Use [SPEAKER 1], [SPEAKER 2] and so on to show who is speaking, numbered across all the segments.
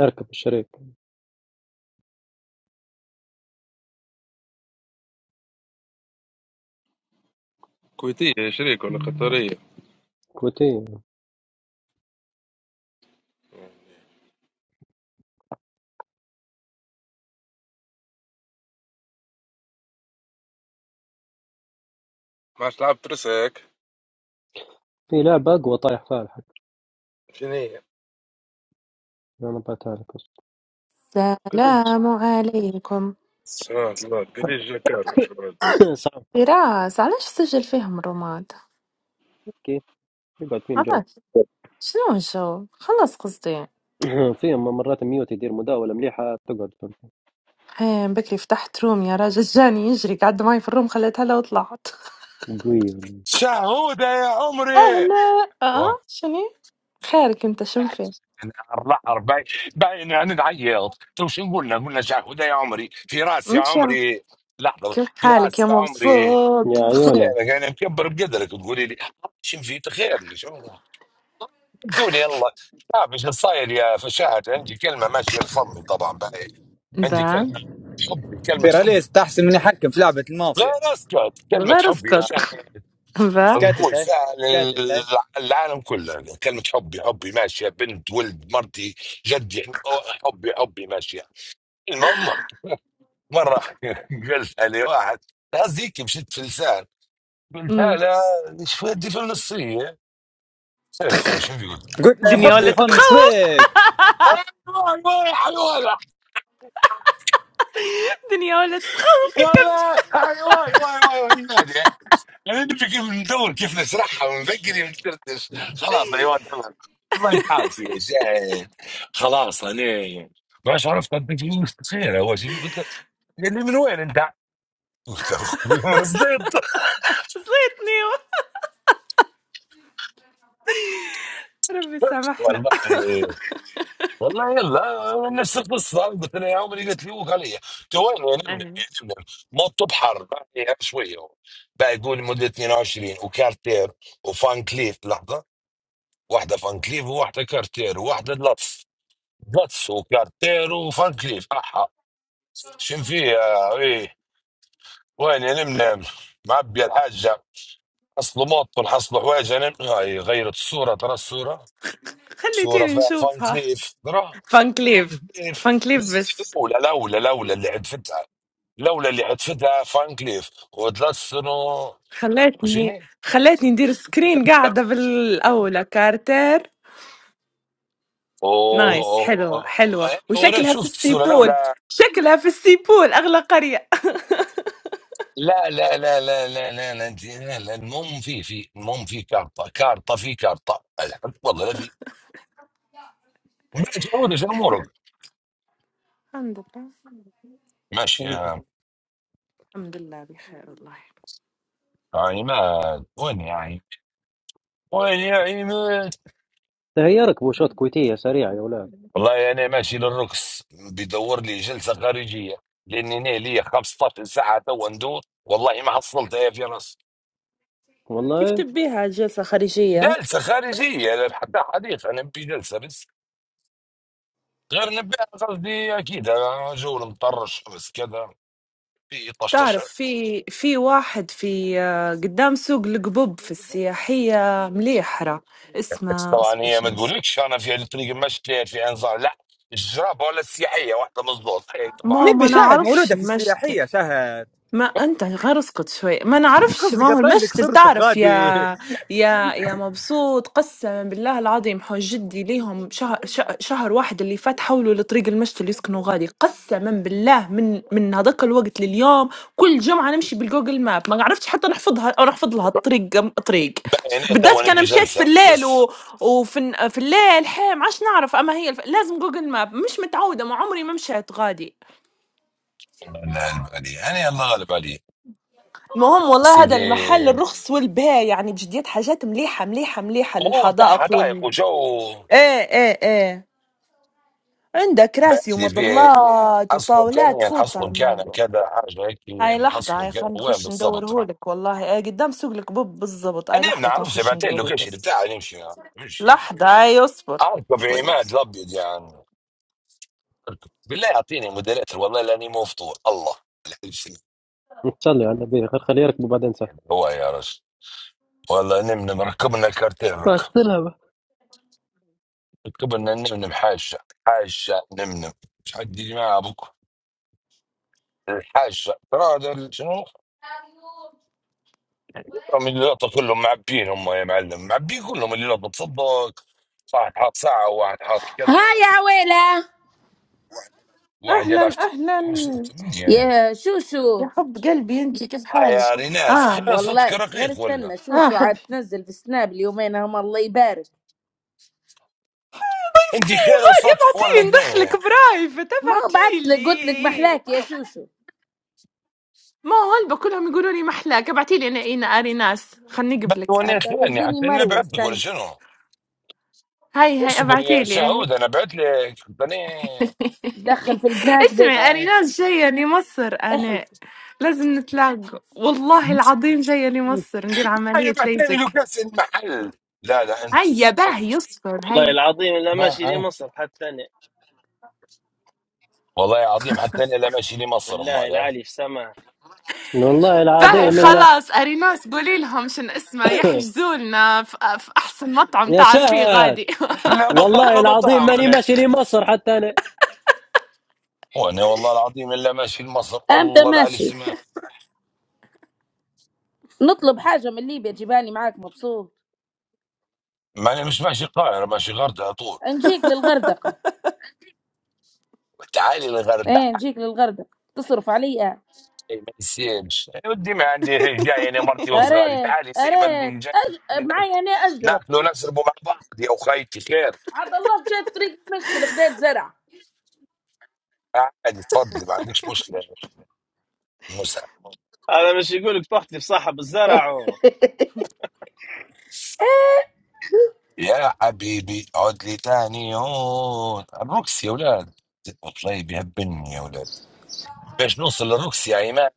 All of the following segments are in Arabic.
[SPEAKER 1] اركب الشريك
[SPEAKER 2] كويتية شريك ولا قطرية
[SPEAKER 1] كويتية
[SPEAKER 2] ما عادش لعبت ترسك
[SPEAKER 1] في لعبة أقوى طايح فيها الحق
[SPEAKER 2] شنو هي
[SPEAKER 1] أنا بعتها لك بس.
[SPEAKER 2] قليش
[SPEAKER 3] سلام عليكم
[SPEAKER 2] سلام الله قليش جاكار شكرا
[SPEAKER 1] صعب
[SPEAKER 3] فراس علاش تسجل فيهم رومات
[SPEAKER 1] كيف يقعد فيهم جو
[SPEAKER 3] علاش شنو الجو خلص قصدي
[SPEAKER 1] فيهم مرات ميوت يدير مداولة مليحة تقعد فيهم.
[SPEAKER 3] حين بكري فتحت روم يا راجل جاني يجري قعد معي في الروم خليتها لو طلعت
[SPEAKER 1] قوية
[SPEAKER 4] شهودة يا عمري
[SPEAKER 3] اهلا اه
[SPEAKER 4] ايوه
[SPEAKER 3] شني خيرك انت شنو فيه
[SPEAKER 4] انا الرحر باين باين يعني نعيط تو شو قلنا قلنا شهودة يا عمري في راسي يا
[SPEAKER 3] مش عارف.
[SPEAKER 4] عمري لحظة
[SPEAKER 3] كيف
[SPEAKER 4] في
[SPEAKER 3] حالك يا
[SPEAKER 4] راسي يا عمري
[SPEAKER 1] يا
[SPEAKER 3] مبسوط
[SPEAKER 1] عيونة
[SPEAKER 4] خيرك انا مكبر بقدرك تقولي لي شم في خير لي شو دوني يلا شاف ايش صاير يا فشاهد عندي كلمة ماشية في فمي طبعا باين عندي
[SPEAKER 3] با
[SPEAKER 4] كلمة حبي كلمة حبي
[SPEAKER 5] بيراليز تحسن من يحكم في لعبة المافيا
[SPEAKER 4] غير اسكت كلمة
[SPEAKER 3] بغير
[SPEAKER 4] حبي يا
[SPEAKER 3] اسكت
[SPEAKER 4] شاهد
[SPEAKER 3] با
[SPEAKER 5] سكتت
[SPEAKER 4] نقول
[SPEAKER 5] اهي
[SPEAKER 4] فعلا
[SPEAKER 5] سكتت اهي
[SPEAKER 4] العالم كله كلمة حبي حبي ماشية بنت ولد مرتي جدي حبي حبي ماشية المهم مرة قلتها لواحد قصدي هيك مشيت في لسان قلتها
[SPEAKER 3] أمم.
[SPEAKER 4] لا شو ودي في النصية سير خويا شو بيقول
[SPEAKER 5] قلت له يا
[SPEAKER 4] شو
[SPEAKER 3] دنيا
[SPEAKER 4] قلت
[SPEAKER 5] حبي
[SPEAKER 3] ولا
[SPEAKER 4] له
[SPEAKER 5] يفنص
[SPEAKER 4] ايوه
[SPEAKER 3] تتخوف
[SPEAKER 5] فيك
[SPEAKER 4] ايوه حيوانة
[SPEAKER 3] دنيا ولا تتخوف كم جي
[SPEAKER 4] والله ايوه ايوه ايوه يعني نمشي كيف ندور كيف نشرحها ونذكر ونكرتش خلاص ايوه تمام والله انت عارف يا جاي خلاص انا باش عرفت انت في مستخير هو شو قلت له قال لي من وين انت؟ قلت له خوي من الزيت
[SPEAKER 3] خصيتني ربي سامحنا
[SPEAKER 4] والله والله يلا نفس القصه قلت له يا عمري قلت لي وقال لي قلت له وين يا نمنا
[SPEAKER 3] أهلاً.
[SPEAKER 4] يا نمنا موت بحر بعدها شويه بقى يقول مده 22 وكارتير وفان كليف لحظه واحده فان كليف وواحده كارتير وواحده لطف باتس وكارتير وفان كليف احا شن فيه ايه وين يا نمنم معبي الحاجه حصلوا موط حصلوا حوايج يا نم هاي غيرت الصوره ترى الصوره صوره
[SPEAKER 3] خليتيني
[SPEAKER 4] فيها فان
[SPEAKER 3] نشوفها
[SPEAKER 4] كليف ترى
[SPEAKER 3] فان
[SPEAKER 4] فان
[SPEAKER 3] كليف
[SPEAKER 4] كليف
[SPEAKER 3] فان كليف بس
[SPEAKER 4] لولا لولا لولا اللي عدفتها لولا اللي عدفتها فان كليف وثلاث سنو
[SPEAKER 3] خلتني
[SPEAKER 4] وشني
[SPEAKER 3] خلتني ندير سكرين
[SPEAKER 4] كارتير
[SPEAKER 3] قاعدة بالأولى كارتر
[SPEAKER 4] و
[SPEAKER 3] نايس
[SPEAKER 4] و-
[SPEAKER 3] حلوة
[SPEAKER 4] و-
[SPEAKER 3] حلوة
[SPEAKER 4] وانا
[SPEAKER 3] وشكلها في
[SPEAKER 4] شفت الصوره
[SPEAKER 3] السيبول
[SPEAKER 4] لولا
[SPEAKER 3] شكلها في السيبول أغلى قرية
[SPEAKER 4] لا لا لا لا لا لا لا انت لا لا المهم في في المهم في كارطه كارطه في كارطه أزعل. والله لا في جودة في امورك
[SPEAKER 3] الحمد لله
[SPEAKER 4] ماشي يا-
[SPEAKER 3] الحمد لله بخير والله
[SPEAKER 4] يعني ما وين يعني وين يعني ما
[SPEAKER 1] هي يركبوا شوط كويتية سريعة يا ولاد
[SPEAKER 4] والله انا يعني ماشي للرقص بدور لي جلسه خارجيه لاني أنا لي 15 ساعه تو ندور والله ما حصلتها يا فراس
[SPEAKER 3] كيف
[SPEAKER 1] والله
[SPEAKER 3] تبيها جلسة خارجية؟
[SPEAKER 4] جلسه خارجيه لا حتى حديث انا نبي جلسه بس غير نبي قصدي اكيد أنا جو مطرش بس كذا في طشطشه
[SPEAKER 3] تعرف في في واحد في آه، قدام سوق القبوب في السياحية مليحرة
[SPEAKER 4] بس
[SPEAKER 3] اسمه
[SPEAKER 4] طبعا
[SPEAKER 3] اصبر
[SPEAKER 4] هي ما
[SPEAKER 3] شنو اسمه
[SPEAKER 4] تقولكش انا في طريق المشي في انظار لا الجرابه ولا السياحيه واحده مظبوط اي طبعا
[SPEAKER 3] ما
[SPEAKER 5] نبي
[SPEAKER 3] ما
[SPEAKER 4] أكيد
[SPEAKER 5] شاهد
[SPEAKER 4] بعد
[SPEAKER 3] نعرفش
[SPEAKER 5] مولودة في
[SPEAKER 3] المشتى
[SPEAKER 5] السياحية شاهد
[SPEAKER 3] ما انت غير اسكت شوي ما نعرفش ما
[SPEAKER 5] قصدي
[SPEAKER 3] هو
[SPEAKER 5] قطعين لك
[SPEAKER 3] المشتل
[SPEAKER 5] صورتك
[SPEAKER 3] تعرف
[SPEAKER 5] غادي
[SPEAKER 3] يا يا يا مبسوط قسما بالله العظيم حوج جدي ليهم شهر شه- شهر واحد اللي فات حولوا لطريق المشتل يسكنوا غادي قسما بالله من من هذاك الوقت لليوم كل جمعه نمشي بالجوجل ماب ما عرفتش حتى نحفظها او نحفظ لها الطريق طريق
[SPEAKER 4] باين
[SPEAKER 3] بالذات
[SPEAKER 4] تو
[SPEAKER 3] كان
[SPEAKER 4] نبي
[SPEAKER 3] مشيت في
[SPEAKER 4] جلسه
[SPEAKER 3] الليل
[SPEAKER 4] بس
[SPEAKER 3] و... وفي الن- في الليل حي ما عادش نعرف اما هي الف... لازم جوجل ماب مش متعوده ما عمري ما مشيت غادي
[SPEAKER 4] الله لا غالب علي انا الله غالب علي
[SPEAKER 3] ما هم والله هذا
[SPEAKER 4] سيدي
[SPEAKER 3] المحل الرخص والبيع يعني بجديات حاجات مليحة مليحة مليحة
[SPEAKER 4] هو بتاع
[SPEAKER 3] للحدائق
[SPEAKER 4] حدائق
[SPEAKER 3] وال
[SPEAKER 4] وجو
[SPEAKER 3] ايه ايه ايه عندك كراسي
[SPEAKER 4] بعدي في
[SPEAKER 3] ومظلات
[SPEAKER 4] حصله
[SPEAKER 3] وطاولات
[SPEAKER 4] امكانيه
[SPEAKER 3] فوت على
[SPEAKER 4] نحصله مكانه
[SPEAKER 3] الموضوع
[SPEAKER 4] كذا حاجه هيك
[SPEAKER 3] هاي لحظة
[SPEAKER 4] نحصله
[SPEAKER 3] هاي
[SPEAKER 4] مكانه
[SPEAKER 3] خلينا
[SPEAKER 4] وين
[SPEAKER 3] نخش
[SPEAKER 4] بالضبط
[SPEAKER 3] ندورهولك والله ايه قدام سوق الكبوب بالضبط هاي
[SPEAKER 4] انا ما
[SPEAKER 3] لحظة تو
[SPEAKER 4] نعرفش
[SPEAKER 3] نخش
[SPEAKER 4] بعتين
[SPEAKER 3] ندورهولك
[SPEAKER 4] اللوكيشن
[SPEAKER 3] بس
[SPEAKER 4] بتاعي نمشي نمشي
[SPEAKER 3] لحظة هاي اصبر
[SPEAKER 4] اركب
[SPEAKER 3] شوية
[SPEAKER 4] عماد
[SPEAKER 3] بس
[SPEAKER 4] الابيض يعني أركب. بالله يعطيني موديلات والله لاني مو فطور الله
[SPEAKER 1] تصلي على النبي خل- خليه يركبوا بعدين سهل
[SPEAKER 4] يعني هو يا رجل والله نمنم ركبنا كارتين
[SPEAKER 1] ما
[SPEAKER 4] ركب
[SPEAKER 1] تلعب
[SPEAKER 4] ركبنا نمنم حاشة حاشة نمنم مش حد يجي معاه ابوك الحاشة ترى هذا ال- شنو هم اللي لقطة كلهم معبين هم يا معلم معبين كلهم اللي لقطة تصدق واحد حاط ساعة وواحد حاط
[SPEAKER 6] ها
[SPEAKER 4] كذا
[SPEAKER 6] يا عويلة
[SPEAKER 4] واحد يلعب
[SPEAKER 3] اهلا
[SPEAKER 4] ت-
[SPEAKER 3] اهلا
[SPEAKER 4] يا ساتر من هي هذه؟
[SPEAKER 6] يا
[SPEAKER 3] يا
[SPEAKER 6] شوشو
[SPEAKER 3] حب قلبي انت كيف
[SPEAKER 4] آه
[SPEAKER 3] حالك؟
[SPEAKER 4] يا ريناس
[SPEAKER 3] اه
[SPEAKER 4] خير صوتك
[SPEAKER 6] والله غير
[SPEAKER 4] رقيق ولا
[SPEAKER 6] استنى
[SPEAKER 3] اه
[SPEAKER 6] شوشو
[SPEAKER 3] حب
[SPEAKER 6] عاد تنزل في سناب اليومين هم الله يبارك
[SPEAKER 4] انت خير
[SPEAKER 3] غادي
[SPEAKER 4] صوتك ولا
[SPEAKER 3] ابعتيلي ندخلك
[SPEAKER 4] قنية
[SPEAKER 3] برايفت
[SPEAKER 6] ما هو بعت لك قلت لك
[SPEAKER 3] ابعتيلي
[SPEAKER 6] محلاك يا شوشو
[SPEAKER 3] ما هو هلبا كلهم يقولوا لي محلاك ابعتي لي انا اين اريناس خلني
[SPEAKER 4] بل
[SPEAKER 3] قبلك
[SPEAKER 4] وانا
[SPEAKER 6] عاد
[SPEAKER 4] خيرني
[SPEAKER 6] تلقيني
[SPEAKER 4] حتى انا
[SPEAKER 6] مروة
[SPEAKER 4] بعت لك ولا
[SPEAKER 6] استنى
[SPEAKER 4] شنو
[SPEAKER 3] هاي هاي
[SPEAKER 4] اصبر يا
[SPEAKER 3] ابعتي لي هاي
[SPEAKER 4] شهود انا بعت لك حتى
[SPEAKER 6] دخل في البنات بس
[SPEAKER 3] اسمعي
[SPEAKER 4] انا
[SPEAKER 3] اريناس جايه لمصر انا
[SPEAKER 6] احلف
[SPEAKER 3] لازم نتلاقوا والله العظيم جايه لمصر ندير عمليه
[SPEAKER 4] شايف عتيبي
[SPEAKER 3] ليزك
[SPEAKER 4] كاس المحل لا لا انت
[SPEAKER 3] هيا باهي يصفر
[SPEAKER 7] والله
[SPEAKER 3] هيا
[SPEAKER 7] العظيم لا ماشي
[SPEAKER 4] ما
[SPEAKER 7] لي
[SPEAKER 4] هي
[SPEAKER 7] مصر حتى انا
[SPEAKER 4] والله عظيم حتى انا لما اشيلي مصر
[SPEAKER 7] بالله
[SPEAKER 4] امال هاي
[SPEAKER 7] العالي في سماه
[SPEAKER 1] والله
[SPEAKER 3] باهي
[SPEAKER 1] العظيم
[SPEAKER 4] والله
[SPEAKER 1] إلا
[SPEAKER 3] خلاص اريناس قولي لهم شن اسمه يحجزوا لنا في في احسن مطعم
[SPEAKER 1] يا
[SPEAKER 3] تعرفيه
[SPEAKER 1] شهد
[SPEAKER 3] غادي
[SPEAKER 4] لا مطعم
[SPEAKER 1] والله
[SPEAKER 4] لا
[SPEAKER 1] العظيم
[SPEAKER 4] مطعم
[SPEAKER 1] ماني
[SPEAKER 4] انا
[SPEAKER 1] ماشي لمصر حتى أنا
[SPEAKER 4] وانا والله العظيم الا ماشي لمصر
[SPEAKER 6] امتى
[SPEAKER 4] الله العلي
[SPEAKER 6] ماشي
[SPEAKER 4] سمع
[SPEAKER 6] نطلب حاجة من ليبيا جيباني معاك مبسوط
[SPEAKER 4] ما انا مش ماشي القاهره ماشي غردة على طول
[SPEAKER 6] نجيك للغردقة
[SPEAKER 4] تعالي الغردة
[SPEAKER 6] ايه نجيك للغردقة تصرف عليا
[SPEAKER 4] أي ما يصيرش يا ودي ما عندي هيك جاي انا مرتي وصغاري
[SPEAKER 6] اريت
[SPEAKER 4] تعالي زي ما
[SPEAKER 6] اريت
[SPEAKER 4] عندي جاي تعالي
[SPEAKER 6] أج... معايا
[SPEAKER 4] ناكلوا
[SPEAKER 6] انا اجرب
[SPEAKER 4] ناكلوا نشربوا مع بعض يا اخيتي خير
[SPEAKER 6] عبد الله مشات طريق مشت خديت زرع
[SPEAKER 4] عادي تفضلي ما عندكش مشكله
[SPEAKER 7] هذا مش يقولك طحتي في صاحب الزرع و
[SPEAKER 6] إيه،
[SPEAKER 4] يا حبيبي عد لي تاني يوم الروكس يا ولاد والله بيهبلني يا ولاد باش نوصل للروكس يا ايمان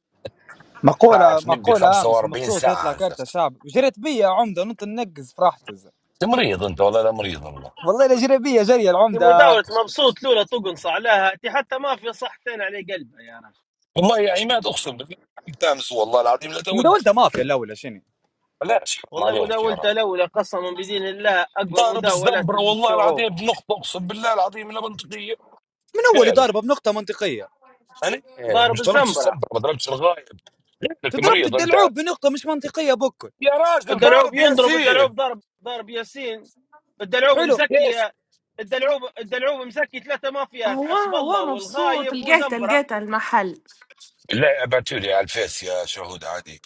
[SPEAKER 5] مقولة
[SPEAKER 4] تعرف نبي
[SPEAKER 5] مقولة امس
[SPEAKER 4] 45
[SPEAKER 5] المبسوط
[SPEAKER 4] ساعة
[SPEAKER 5] يطلع كارت
[SPEAKER 4] عزفت
[SPEAKER 5] الشعب جريت بيا يا عمدة نط ننقز فرحتز
[SPEAKER 4] انت مريض انت والله لا مريض والله
[SPEAKER 5] والله لا جري بيا جري
[SPEAKER 7] دي
[SPEAKER 5] العمدة
[SPEAKER 7] مداولة مبسوط لولا تقنص عليها دي حتى ما في صحتين على قلبها يا رجل
[SPEAKER 4] والله يا عماد اقسم بالله بتامس والله العظيم لا تولد
[SPEAKER 5] مداولتها مافيا الاولى شنو
[SPEAKER 4] بلاش حرام
[SPEAKER 7] والله
[SPEAKER 4] عليك يا
[SPEAKER 7] مداولته
[SPEAKER 4] راجل
[SPEAKER 7] الاولى قسما بدين الله اقوى
[SPEAKER 4] ضارب
[SPEAKER 7] مداولات
[SPEAKER 4] الزنبرة والله
[SPEAKER 7] الشعوب
[SPEAKER 4] العظيم بنقطة اقسم بالله العظيم لا منطقية
[SPEAKER 5] من اول
[SPEAKER 4] غيرك
[SPEAKER 5] ضاربة بنقطة منطقية
[SPEAKER 4] انا
[SPEAKER 7] ضارب
[SPEAKER 4] مش ضربتش
[SPEAKER 7] الزنبرة
[SPEAKER 4] الزنبرة ما ضربتش الغايب غيرك
[SPEAKER 5] تضربت
[SPEAKER 4] مريض انت
[SPEAKER 5] الدلعوب بنقطة مش منطقية بكل
[SPEAKER 4] يا راجل
[SPEAKER 7] الدلعوب
[SPEAKER 4] ضارب
[SPEAKER 7] ينضرب
[SPEAKER 4] ياسين
[SPEAKER 7] الدلعوب ضرب ضرب ياسين الدلعوب
[SPEAKER 5] حلو
[SPEAKER 7] مزكي الدلعوب الدلعوب مزكي ثلاثة مافيات
[SPEAKER 3] هو
[SPEAKER 7] حسب
[SPEAKER 3] هو
[SPEAKER 7] الله
[SPEAKER 3] مبسوط
[SPEAKER 7] والغايب
[SPEAKER 3] لقيت
[SPEAKER 7] وزنبرة
[SPEAKER 3] لقيت المحل
[SPEAKER 4] لا ابعتوا لي على الفيس يا شهود عادي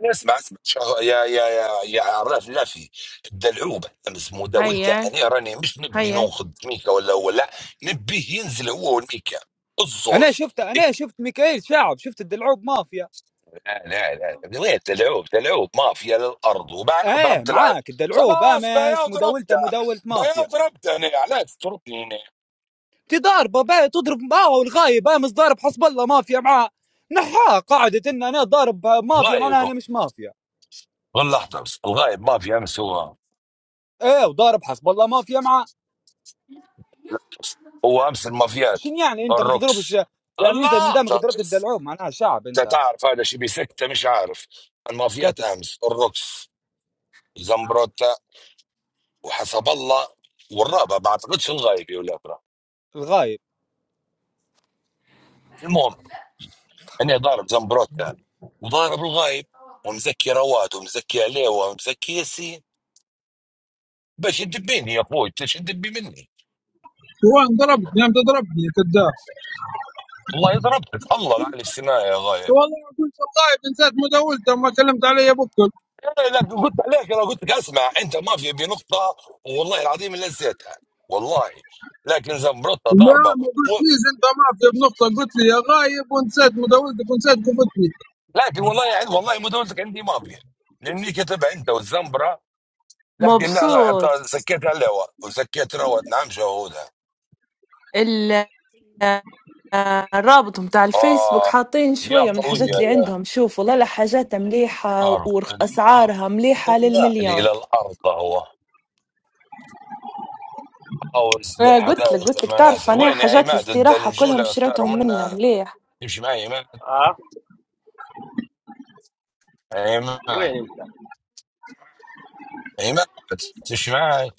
[SPEAKER 4] أنا اسمع اسمع شهو يا يا يا يا عراف لافي الدلعوبه امس مداولته
[SPEAKER 3] هيا
[SPEAKER 4] انا راني مش نبي
[SPEAKER 3] هيا
[SPEAKER 4] ناخذ ميكا ولا ولا نبيه ينزل هو والميكا
[SPEAKER 5] انا
[SPEAKER 4] الزوز
[SPEAKER 5] شفت انا شفت ميكائيل شعب شفت الدلعوب مافيا
[SPEAKER 4] لا لا لا وين تلعوب تلعوب مافيا للارض وبعد
[SPEAKER 5] ايه
[SPEAKER 4] ضربت الع...
[SPEAKER 5] معاك الدلعوب
[SPEAKER 4] خلاص بيا
[SPEAKER 5] امس مداولته
[SPEAKER 4] وضربته
[SPEAKER 5] مداولة
[SPEAKER 4] بيا
[SPEAKER 5] مافيا
[SPEAKER 4] وضربته انا علاش تضربني انا
[SPEAKER 5] تضاربه بيه تضرب معاه والغايب امس ضارب حسب الله مافيا معاه نحاه قاعدة ان انا ضارب مافيا
[SPEAKER 4] غايب
[SPEAKER 5] معناها انا مش مافيا
[SPEAKER 4] غير لحظه بس الغايب مافيا امس هو
[SPEAKER 5] ايه وضارب حسب الله مافيا معاه
[SPEAKER 4] هو امس المافيات
[SPEAKER 5] شن يعني انت ما تضربش
[SPEAKER 4] الروكس
[SPEAKER 5] يعني انت من
[SPEAKER 4] الله
[SPEAKER 5] دامك
[SPEAKER 4] طب
[SPEAKER 5] ضربت
[SPEAKER 4] بس
[SPEAKER 5] الدلعوب معناها شعب
[SPEAKER 4] انت
[SPEAKER 5] انت
[SPEAKER 4] تعرف هذا شيء بسكته مش عارف المافيات
[SPEAKER 5] سكتت
[SPEAKER 4] امس الروكس زمبروتا وحسب الله والرابع ما اعتقدش الغايب يا ولاد راه.
[SPEAKER 5] الغايب
[SPEAKER 4] المهم انا ضارب زمبروتا وضارب الغايب ومزكي رواد ومزكي عليوه ومزكي ياسين باش يدبيني يا اخوي انت ايش تدبي مني
[SPEAKER 8] جوان ضربتني قام تضربني يا كذاب
[SPEAKER 4] والله ضربتك الله العلي السماء يا غايب
[SPEAKER 8] والله ما كنت القائد نسيت مداولته ما كلمت علي يا بكر
[SPEAKER 4] لا لا لا، قلت عليك انا قلت لك اسمع انت ما في بنقطه والله العظيم اللي نسيتها والله لكن زمبرتها
[SPEAKER 8] لا
[SPEAKER 4] ضاربه
[SPEAKER 8] ما
[SPEAKER 4] و...
[SPEAKER 8] قلتليش انت مافيا بنقطه قلت لي يا غايب ونسيت مداولتك ونسيت قفتني
[SPEAKER 4] لكن والله يعني والله مداولتك عندي ماضيه لاني كتبها انت والزمبره لكن لا لا،
[SPEAKER 3] مبسوط
[SPEAKER 4] أعطى- سكيت على الهواء وسكيت روت نعم شهودها
[SPEAKER 3] رابط بتاع الفيسبوك
[SPEAKER 4] اه
[SPEAKER 3] حاطين
[SPEAKER 4] يا
[SPEAKER 3] شوية من الحاجات
[SPEAKER 4] قويه
[SPEAKER 3] اللي
[SPEAKER 4] يا
[SPEAKER 3] عندهم شوف والله لا حاجات مليحة
[SPEAKER 4] حرب
[SPEAKER 3] وأسعارها مليحة
[SPEAKER 4] الغالي
[SPEAKER 3] للمليون
[SPEAKER 4] الى الارض هو اوز
[SPEAKER 3] آه، قلت لك
[SPEAKER 4] للحدائق
[SPEAKER 3] قلت لك تعرف
[SPEAKER 4] المنازل
[SPEAKER 3] أنا
[SPEAKER 4] وين يا
[SPEAKER 3] حاجات
[SPEAKER 4] عماد انت
[SPEAKER 3] الاستراحة
[SPEAKER 4] نمشوا
[SPEAKER 3] كلهم
[SPEAKER 4] له اختاروا
[SPEAKER 3] شريتهم منه
[SPEAKER 4] منا
[SPEAKER 3] مليح
[SPEAKER 4] يمشي معي عماد
[SPEAKER 7] اه
[SPEAKER 4] عماد
[SPEAKER 7] وين انت
[SPEAKER 4] يعني ما تمشي معي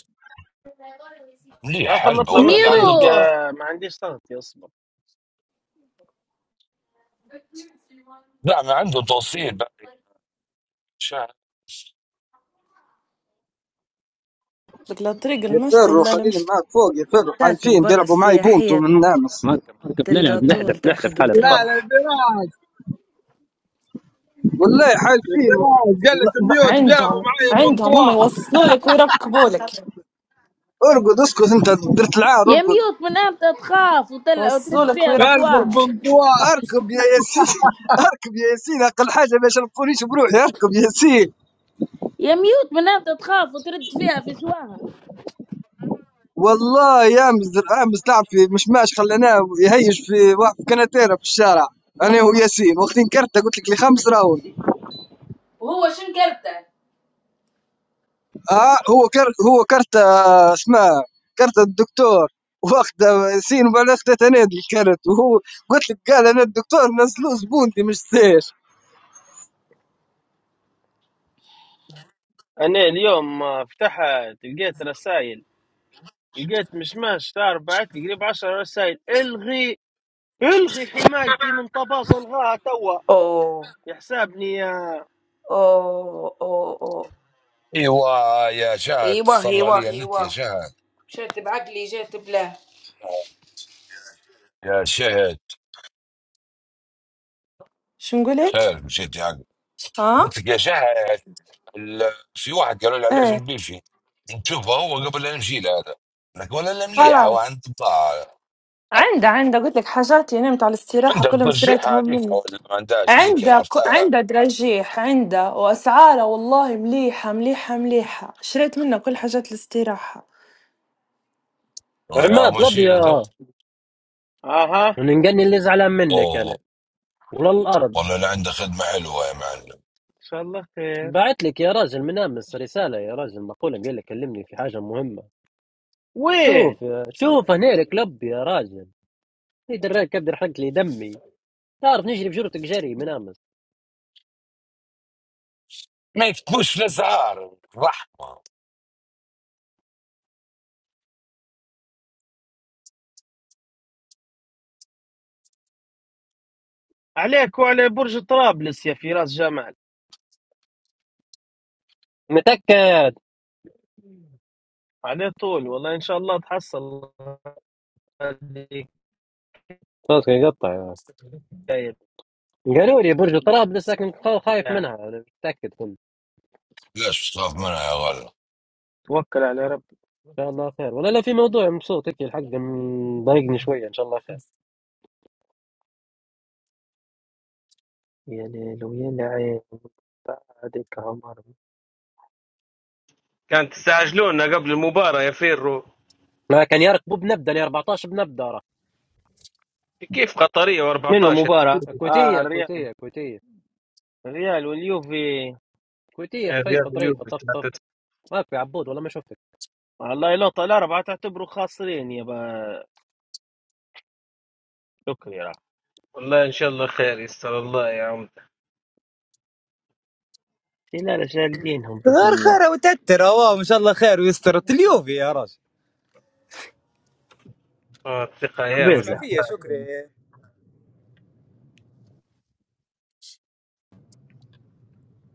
[SPEAKER 4] مليح
[SPEAKER 7] يا أخي
[SPEAKER 4] حلبة
[SPEAKER 7] نطلع من
[SPEAKER 4] والله اللي عنده
[SPEAKER 7] الطريق
[SPEAKER 6] ميوت
[SPEAKER 4] بضاعة
[SPEAKER 7] آه، ما عنديش طاقتي اصبر
[SPEAKER 4] نعم عنده توصيل بعد شاهد
[SPEAKER 3] قلت لك لا طريق المشي
[SPEAKER 9] يفروا
[SPEAKER 3] لا
[SPEAKER 9] خليني
[SPEAKER 3] المشات
[SPEAKER 9] معاك فوق يفروا حالفين
[SPEAKER 3] البرة
[SPEAKER 9] بيلعبوا معي بونتو
[SPEAKER 3] السياحية
[SPEAKER 9] من نامس
[SPEAKER 1] مركب مركب
[SPEAKER 3] تلقى
[SPEAKER 1] نلعب
[SPEAKER 3] طول
[SPEAKER 1] نحذف نحذف
[SPEAKER 3] تاخد
[SPEAKER 1] حلب
[SPEAKER 8] لا
[SPEAKER 1] فرق
[SPEAKER 8] لا
[SPEAKER 3] وتروح
[SPEAKER 8] فراس
[SPEAKER 9] والله حالفين
[SPEAKER 8] فراس قال لك
[SPEAKER 9] ن- ن-
[SPEAKER 8] ميوت جابوا
[SPEAKER 3] عندهم
[SPEAKER 8] معي
[SPEAKER 3] عندهم هم
[SPEAKER 8] بنطواء
[SPEAKER 3] يوصلوا لك ويركبوا لك
[SPEAKER 9] ارقد اسكت انت درت العار
[SPEAKER 6] يا
[SPEAKER 9] ارقد
[SPEAKER 6] ميوت من امتى تخاف وتل...
[SPEAKER 3] يوصلوا
[SPEAKER 6] وترد
[SPEAKER 3] لك
[SPEAKER 6] فيها في
[SPEAKER 8] قلب
[SPEAKER 3] ويركبوا
[SPEAKER 6] شواها
[SPEAKER 3] لك
[SPEAKER 8] البنطواء
[SPEAKER 9] اركب يا ياسين اركب يا ياسين اقل حاجه ما يشرفونيش بروحي اركب يا ياسين
[SPEAKER 6] يا ميوت من امتى تخاف وترد فيها في شواها
[SPEAKER 9] والله يامس امس لعب في مشماش خليناه يهيج في واحد كناتيرا في الشارع انا وياسين وقت انكرت قلت لك لي خمس راوند
[SPEAKER 6] وهو شن كرته
[SPEAKER 9] اه هو كرت هو كرت آه، اسمه كرت الدكتور واخده سين وبعدين اخذت انا الكرت وهو قلت لك قال انا الدكتور نزلوه زبون دي مش سير
[SPEAKER 7] انا اليوم آه، فتحت لقيت رسائل لقيت مشماش تعرف بعت لي قريب 10 رسائل الغي الغي حمايتي من طباز الغاها توا
[SPEAKER 6] اوه
[SPEAKER 7] يحسابني يا
[SPEAKER 6] اوه اوه اوه
[SPEAKER 4] ايوه يا شاهد
[SPEAKER 6] ايوه
[SPEAKER 4] صلى
[SPEAKER 6] ايوه
[SPEAKER 4] علي النت يا
[SPEAKER 6] ايوه
[SPEAKER 4] شاهد
[SPEAKER 6] مشيت بعقلي جيت بلاه
[SPEAKER 4] يا شاهد
[SPEAKER 3] شو نقول لك؟
[SPEAKER 4] شاهد مشيت يعني
[SPEAKER 3] ها؟
[SPEAKER 4] قلت لك يا شاهد ال- في واحد قالوا لي عليه في
[SPEAKER 3] ايه
[SPEAKER 4] البيفي نشوفه هو قبل لا نمشي له هذا لك ولا لا مليح هو
[SPEAKER 3] خلاص
[SPEAKER 4] عنده بضاعة
[SPEAKER 3] عنده عنده قلت لك حاجاتي نمت على الاستراحة
[SPEAKER 4] عنده
[SPEAKER 3] كلهم
[SPEAKER 4] الترجيحة
[SPEAKER 3] شريتهم
[SPEAKER 4] هذيك
[SPEAKER 3] منه
[SPEAKER 4] او اللي ما عندهاش هذيك اللي
[SPEAKER 3] عنده ك...
[SPEAKER 4] عرفتها
[SPEAKER 3] عنده دراجيح عنده وأسعاره والله مليحة مليحة مليحة شريت منه كل حاجات الاستراحة
[SPEAKER 4] والله يا
[SPEAKER 1] عماد
[SPEAKER 4] مشي له
[SPEAKER 1] لبيا
[SPEAKER 4] ذوق.
[SPEAKER 7] اها
[SPEAKER 1] وننقلني اللي زعلان منك انا
[SPEAKER 4] اوه
[SPEAKER 1] وللارض
[SPEAKER 4] والله لا عنده خدمة حلوة يا معلم
[SPEAKER 7] ان شاء الله خير
[SPEAKER 1] بعت لك يا راجل من امس رساله يا راجل مقوله قال لك كلمني في حاجه مهمه
[SPEAKER 7] وين
[SPEAKER 1] شوف يا- شوف هنا كلب يا راجل في دراك كبد حرقت لي دمي تعرف نجري بجرتك جري من امس
[SPEAKER 4] ما يكتبوش في الاسعار رحمة
[SPEAKER 7] عليك وعلى برج طرابلس يا فراس جمال
[SPEAKER 1] متاكد
[SPEAKER 7] على طول والله ان شاء الله تحصل هذيك
[SPEAKER 1] صوتك يقطع يا
[SPEAKER 7] الحكاية.
[SPEAKER 1] رجل. قالوا لي برج طرابلس لكن خا- خايف منها انا متاكد كنت
[SPEAKER 4] ليش تخاف منها يا غلا؟
[SPEAKER 7] توكل على ربي
[SPEAKER 1] ان شاء الله خير ولا لا في موضوع مبسوط هيك الحق مضايقني شويه ان شاء الله خير
[SPEAKER 7] يا ليل ويا لعين بعدك عمر
[SPEAKER 10] كانت تستعجلونا قبل المباراة يا فيرو
[SPEAKER 1] ما كان يركبوا بنبدا ل 14 بنبدا راه
[SPEAKER 10] كيف قطرية
[SPEAKER 7] منو
[SPEAKER 10] و14
[SPEAKER 7] مباراة؟ اه
[SPEAKER 1] كويتيه
[SPEAKER 7] الريال
[SPEAKER 1] كويتيه كويتيه
[SPEAKER 7] الريال واليوفي
[SPEAKER 1] كويتيه خفيفه
[SPEAKER 10] رياض اليوم
[SPEAKER 1] ظريفه طفطف
[SPEAKER 10] بتلاتة.
[SPEAKER 1] ما في عبود والله ما شفتك
[SPEAKER 7] والله لوطة الأربعة تعتبروا خاسرين يا با شكري راه
[SPEAKER 10] والله ان شاء الله خير يستر الله يا عم
[SPEAKER 7] لا شال دينهم بإذن
[SPEAKER 5] غير
[SPEAKER 7] الله
[SPEAKER 5] خير وتتر هو ان شاء الله خير ويستر اليوفي يا راجل
[SPEAKER 10] آه، الثقة ايام
[SPEAKER 5] اسمع
[SPEAKER 10] في
[SPEAKER 7] خبيزة
[SPEAKER 5] فيا
[SPEAKER 10] الله.
[SPEAKER 5] شكري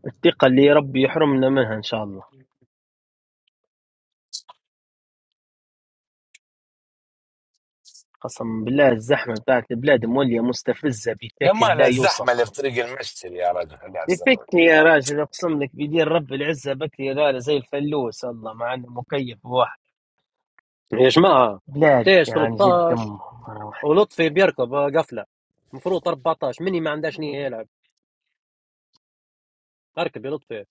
[SPEAKER 7] الثقة اللي ربي يحرمنا منها إن شاء الله قسم بالله الزحمة بتاعت البلاد مولية مستفزة
[SPEAKER 4] يا
[SPEAKER 7] بشكل
[SPEAKER 4] مال
[SPEAKER 7] لا
[SPEAKER 4] الزحمه
[SPEAKER 7] يوصف
[SPEAKER 4] اللي في طريق المشتري يا رجل خليها تسرب
[SPEAKER 7] يفكني
[SPEAKER 4] يا
[SPEAKER 7] يا
[SPEAKER 4] رجل
[SPEAKER 7] راجل أقسم لك بدين رب العزة بكري غالي زي الفلوس الله مع إنه مكيف واحد
[SPEAKER 1] يا جماعه
[SPEAKER 7] بلاد
[SPEAKER 1] تيش
[SPEAKER 7] يعني جد
[SPEAKER 1] 13
[SPEAKER 7] أمه مرة واحدة
[SPEAKER 1] ولطفي بيركب آه، قفله المفروض 14 مني ما عندهاش نيه يلعب اركب يا لطفي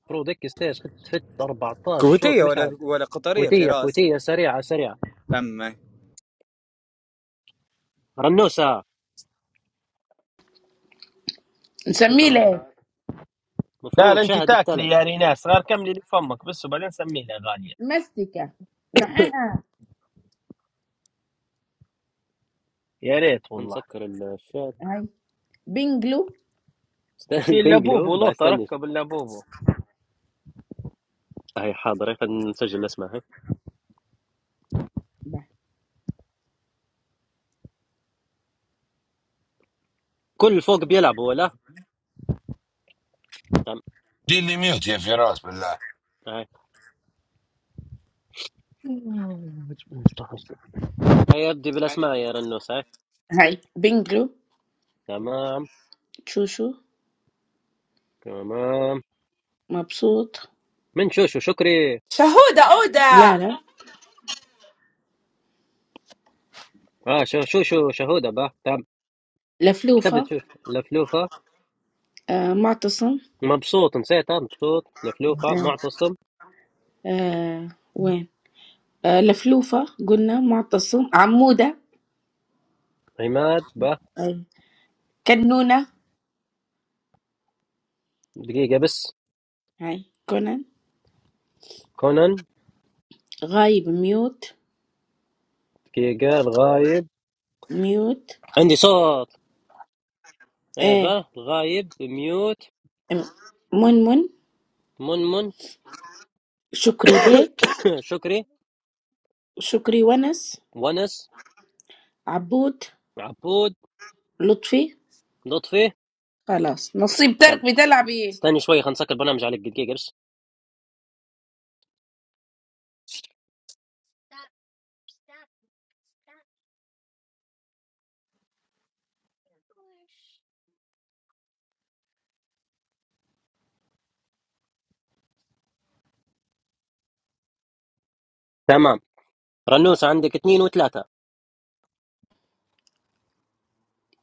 [SPEAKER 1] المفروض هيك ستيش خدت فت 14 شوط
[SPEAKER 5] كويتية
[SPEAKER 1] مش عاد
[SPEAKER 5] ولا ولا قطرية
[SPEAKER 1] كويتيه
[SPEAKER 5] فراس
[SPEAKER 1] كويتيه سريعه سريعه رنوسه
[SPEAKER 6] نسميه
[SPEAKER 1] تسعة عشرة
[SPEAKER 6] له
[SPEAKER 7] لا لا
[SPEAKER 1] المفروض
[SPEAKER 7] أنت
[SPEAKER 1] شهد
[SPEAKER 7] تاكلي
[SPEAKER 1] بتلعب
[SPEAKER 7] يا ريناس غير كملي لي فمك بس وبعدين سمينا غالية
[SPEAKER 6] مستكة نحيها
[SPEAKER 7] يا ريت والله
[SPEAKER 1] نسكر الشات
[SPEAKER 6] هاي بنجلو
[SPEAKER 1] استنى،
[SPEAKER 7] في
[SPEAKER 1] بنجلو
[SPEAKER 7] اللبوبو
[SPEAKER 1] بقى
[SPEAKER 7] لوطة
[SPEAKER 1] استنى
[SPEAKER 7] ركب اللبوبو
[SPEAKER 1] هاي حاضر هاي خلينا نسجل الاسماء هاي كل اللي فوق بيلعبوا ولا تمام
[SPEAKER 4] دي اللي ميوت يا فراس بالله
[SPEAKER 1] هاي هاي ابدي بالاسماء يا رنوس هاي
[SPEAKER 6] هاي بنجلو
[SPEAKER 1] تمام
[SPEAKER 6] تشوشو
[SPEAKER 1] تمام
[SPEAKER 6] مبسوط
[SPEAKER 1] من شوشو شكري
[SPEAKER 3] شهودة أودة
[SPEAKER 6] لا لا
[SPEAKER 1] اه شو شو شو شهودة باه تام
[SPEAKER 6] لفلوفة
[SPEAKER 1] كتبت شو لفلوفة
[SPEAKER 6] آه معتصم
[SPEAKER 1] مبسوط نسيتها مبسوط لفلوفة
[SPEAKER 6] آه
[SPEAKER 1] معتصم
[SPEAKER 6] آه وين آه، لفلوفة قلنا معتصم عمودة
[SPEAKER 1] عماد باه
[SPEAKER 6] أيوة كنونة
[SPEAKER 1] دقيقة بس
[SPEAKER 6] هاي كونان
[SPEAKER 1] كونان
[SPEAKER 6] غايب ميوت
[SPEAKER 1] دقيقة الغايب
[SPEAKER 6] ميوت
[SPEAKER 1] عندي صوت ايه
[SPEAKER 6] ايه
[SPEAKER 1] باه الغايب ميوت
[SPEAKER 6] م- منمن
[SPEAKER 1] منمن
[SPEAKER 6] شكري بيك
[SPEAKER 1] شكري
[SPEAKER 6] شكري ونس
[SPEAKER 1] ونس
[SPEAKER 6] عبود
[SPEAKER 1] عبود
[SPEAKER 6] لطفي
[SPEAKER 1] لطفي
[SPEAKER 6] خلاص نصيب ترك
[SPEAKER 1] تم
[SPEAKER 6] بتلعبي
[SPEAKER 1] استني شوي خلينا نسكر البرنامج عليك دقيقة بس تمام رنوسة عندك اثنين وثلاثة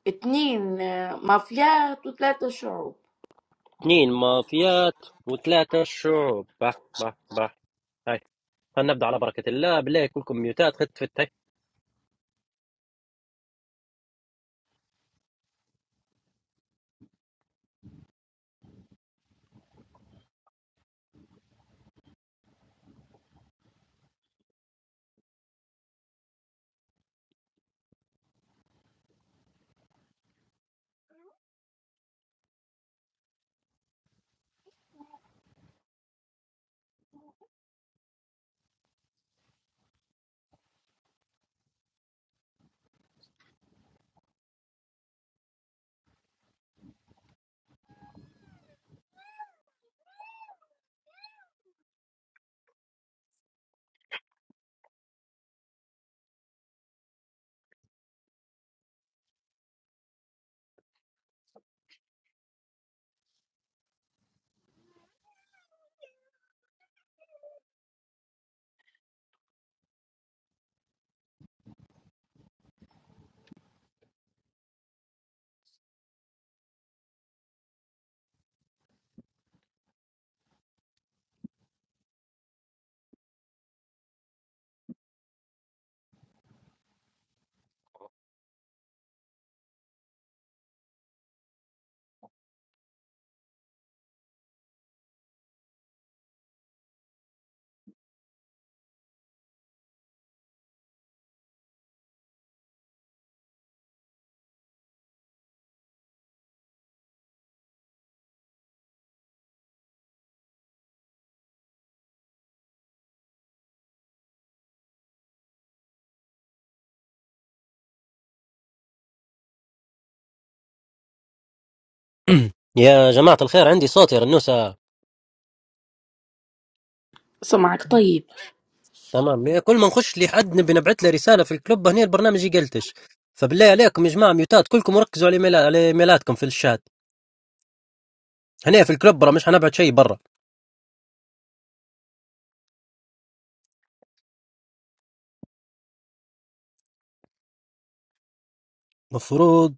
[SPEAKER 6] اتنين آه، مافيات وثلاثة شعوب
[SPEAKER 1] اثنين مافيات وثلاثة شعوب باه باه باه هاي خلينا نبدا على بركة الله بالله كلكم ميوتات خدت فتك يا جماعة الخير عندي صوت يا رنوسة
[SPEAKER 6] سمعك طيب
[SPEAKER 1] تمام كل ما نخش لحد نبي نبعث له رسالة في الكلوب هنا البرنامج يقلتش فبالله عليكم يا جماعة ميوتات كلكم ركزوا على ميلا- على ايميلاتكم في الشات هنا في الكلوب برا مش حنبعت شيء برا مفروض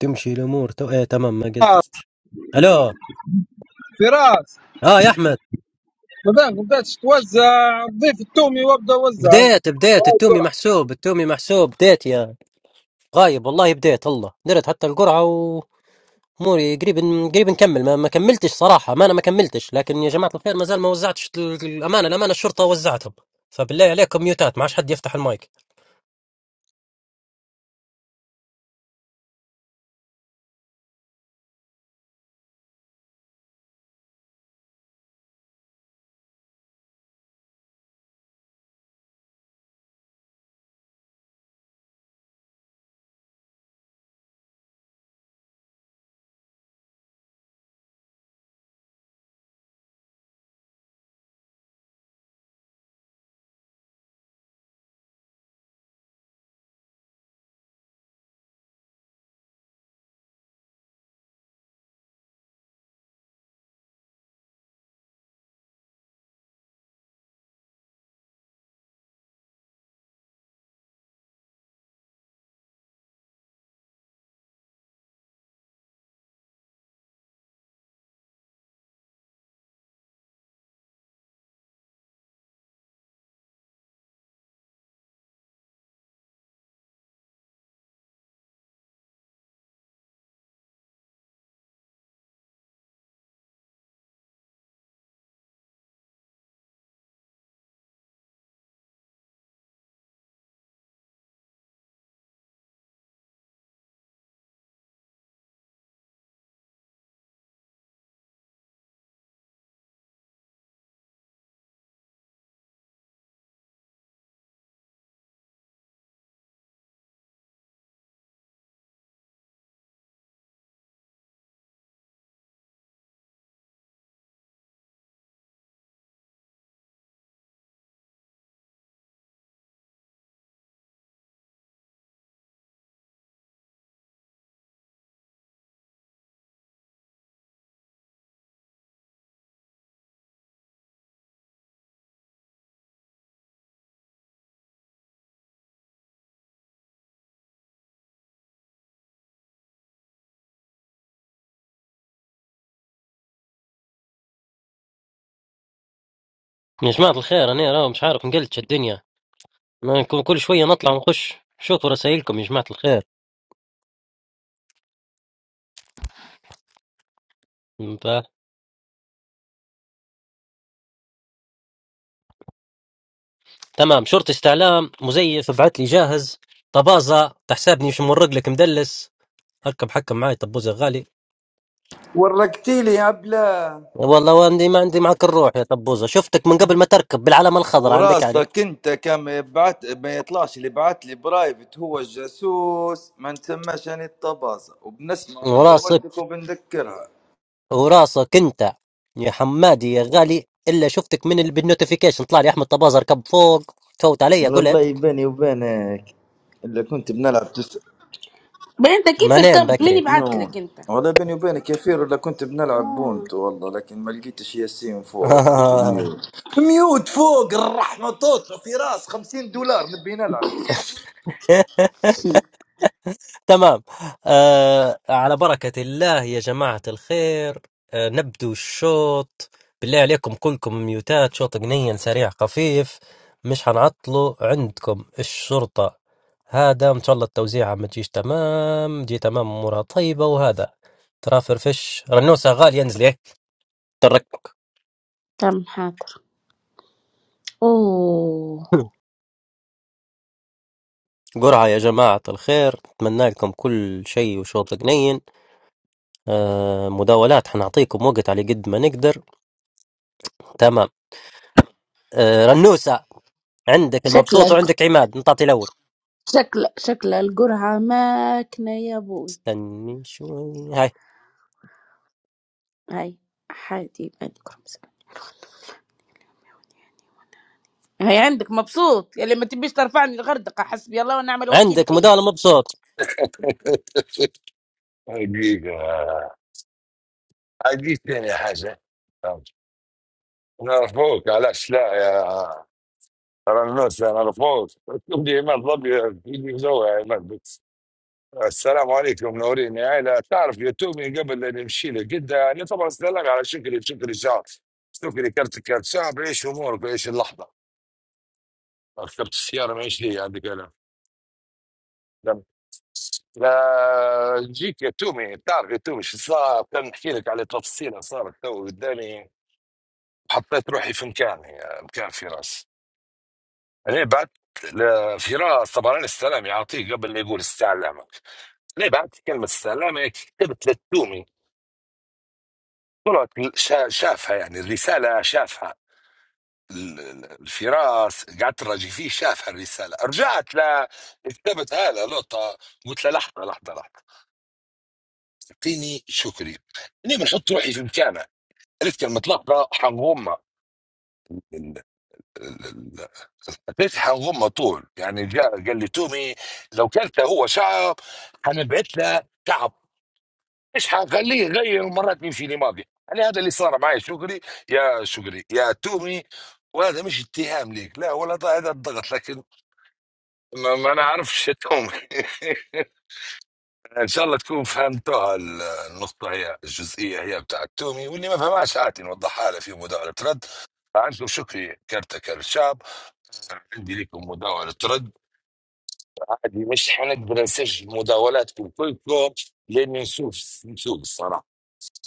[SPEAKER 1] تمشي الأمور تو... ايه تمام ما قلتش ألو
[SPEAKER 8] فراس
[SPEAKER 1] اه يا أحمد
[SPEAKER 8] بعدين بدات تتوزع ضيف التومي وابدا اوزع
[SPEAKER 1] بديت بديت
[SPEAKER 8] هاي
[SPEAKER 1] التومي
[SPEAKER 8] القرعة.
[SPEAKER 1] محسوب التومي محسوب بديت يا غايب والله بديت الله درت حتى القرعة اموري قريب قريب نكمل ما, ما كملتش صراحه ما انا ما كملتش لكن يا جماعه الخير ما زال ما وزعتش ال- الامانه الامانه الشرطه وزعتهم فبالله عليكم ميوتات ما عادش حد يفتح المايك يا جماعه الخير انا راه مش عارف نقلتش الدنيا ما نكون كل شويه نطلع ونخش شوفوا رسائلكم يا جماعه الخير ف... تمام شرطي استعلام مزيف بعت لي جاهز طبازه تحسبني مش مورق لك مدلس اركب حكم معاي طبوزه غالي
[SPEAKER 11] ورقتي لي يا بلا
[SPEAKER 1] والله واندي ما عندي معك الروح يا طبوزه شفتك من قبل ما تركب بالعلامه الخضراء عندك علم
[SPEAKER 11] وراسك انت كم يبعت ما يطلعش اللي بعت لي برايفت هو الجاسوس ما نسماش انا الطبازه وبنسمع
[SPEAKER 1] وراسك
[SPEAKER 11] مداولتك وبنذكرها
[SPEAKER 1] وراسك انت يا حمادي يا غالي الا شفتك من بالنوتيفيكيشن طلع لي احمد طبازر كب فوق فوت علي قلت
[SPEAKER 11] والله بيني وبينك اللي كنت بنلعب تس...
[SPEAKER 6] بل انت كيف
[SPEAKER 1] ما نام
[SPEAKER 6] ركبت مين
[SPEAKER 1] بكري
[SPEAKER 6] يبعت
[SPEAKER 11] نون
[SPEAKER 6] لك انت
[SPEAKER 11] والله بيني وبينك يا فيرو اللي كنت بنلعب
[SPEAKER 6] آه.
[SPEAKER 11] بونت والله لكن ما لقيتش ياسين فوق وميوت ميوت فوق الرحمه توصل في راس 50 دولار نبي نلعب
[SPEAKER 6] هم،
[SPEAKER 1] تمام آه على بركة الله يا جماعة الخير آه نبدو الشوط بالله عليكم كلكم ميوتات شوط جنين سريع خفيف مش هنعطله عندكم الشرطة هذا ان شاء الله التوزيعة ما تجيش تمام تجي تمام امورها طيبة وهذا ترى فرفش رنوسة غالية انزلي تركتك
[SPEAKER 6] تم حاضر اوه
[SPEAKER 1] قرعة يا جماعة الخير نتمنى لكم كل شيء وشوط جنين آه مداولات حنعطيكم وقت على قد ما نقدر تمام آه رنوسة عندك المبسوط
[SPEAKER 6] شكلك
[SPEAKER 1] وعندك عماد نطاطي الأول
[SPEAKER 6] شكل شكل القرعة ماكنة يا بوي
[SPEAKER 1] استني شوي هاي
[SPEAKER 6] هاي حادي عندك رمز هاي عندك مبسوط يلي ما تبيش ترفعني الغردقة حسبي الله ونعم الوكيل
[SPEAKER 1] عندك
[SPEAKER 6] فيك
[SPEAKER 1] مداولة مبسوط
[SPEAKER 4] حقيقه حقيقة يا حاجه نعرفوك علاش لا يا رنوس نعرفوك تقول لي عماد ضبي يجي زوها يا عماد بس. السلام عليكم نورين يا عيلة تعرف يتومي قبل أن نمشي لك أنت يعني طبعا استلم على شكري شكري شعب شكري كرت كرت شعب عيش أمورك عيش اللحظة ركبت السيارة ما عيش لي عندك أنا لا نجيك يا تومي بتعرف يا تومي شو صار كان نحكي لك على تفصيله صارت تو قدامي حطيت روحي في مكاني مكان فراس انا بعت لفراس طبعا انا السلام يعطيه قبل لا يقول استعلامك انا بعت كلمه استعلامك كتبت للتومي طلعت شا- شافها يعني الرساله شافها ال- ال- الفراس قعدت نراجع فيه شافها الرساله رجعت ل كتبت هذا لقطه قلت له لحظه لحظه لحظه اعطيني شكري اني بنحط روحي في مكانه عرفت كلمة لقطة حنغمة ال- ال- ال- ليش حنغمة طول يعني جاء قال لي تومي لو كلت هو شعب حنبعث له شعب ايش حخليه يغير مرات يمشي لماضي يعني هذا اللي صار معي شكري يا شكري يا تومي وهذا مش اتهام ليك لا ولا ض- هذا الضغط لكن ما, ما نعرفش يا تومي ان شاء الله تكون فهمتوها ال- النقطة هي الجزئية هي بتاعت تومي واللي ما فهمهاش عادي نوضحها له في مداولة رد فعندكم شكري كرتك الشعب أنا عندي لكم مداولة ترد عادي مش حنقدر نسجل مداولاتكم كلكم لأن نسوق نسوق الصراحة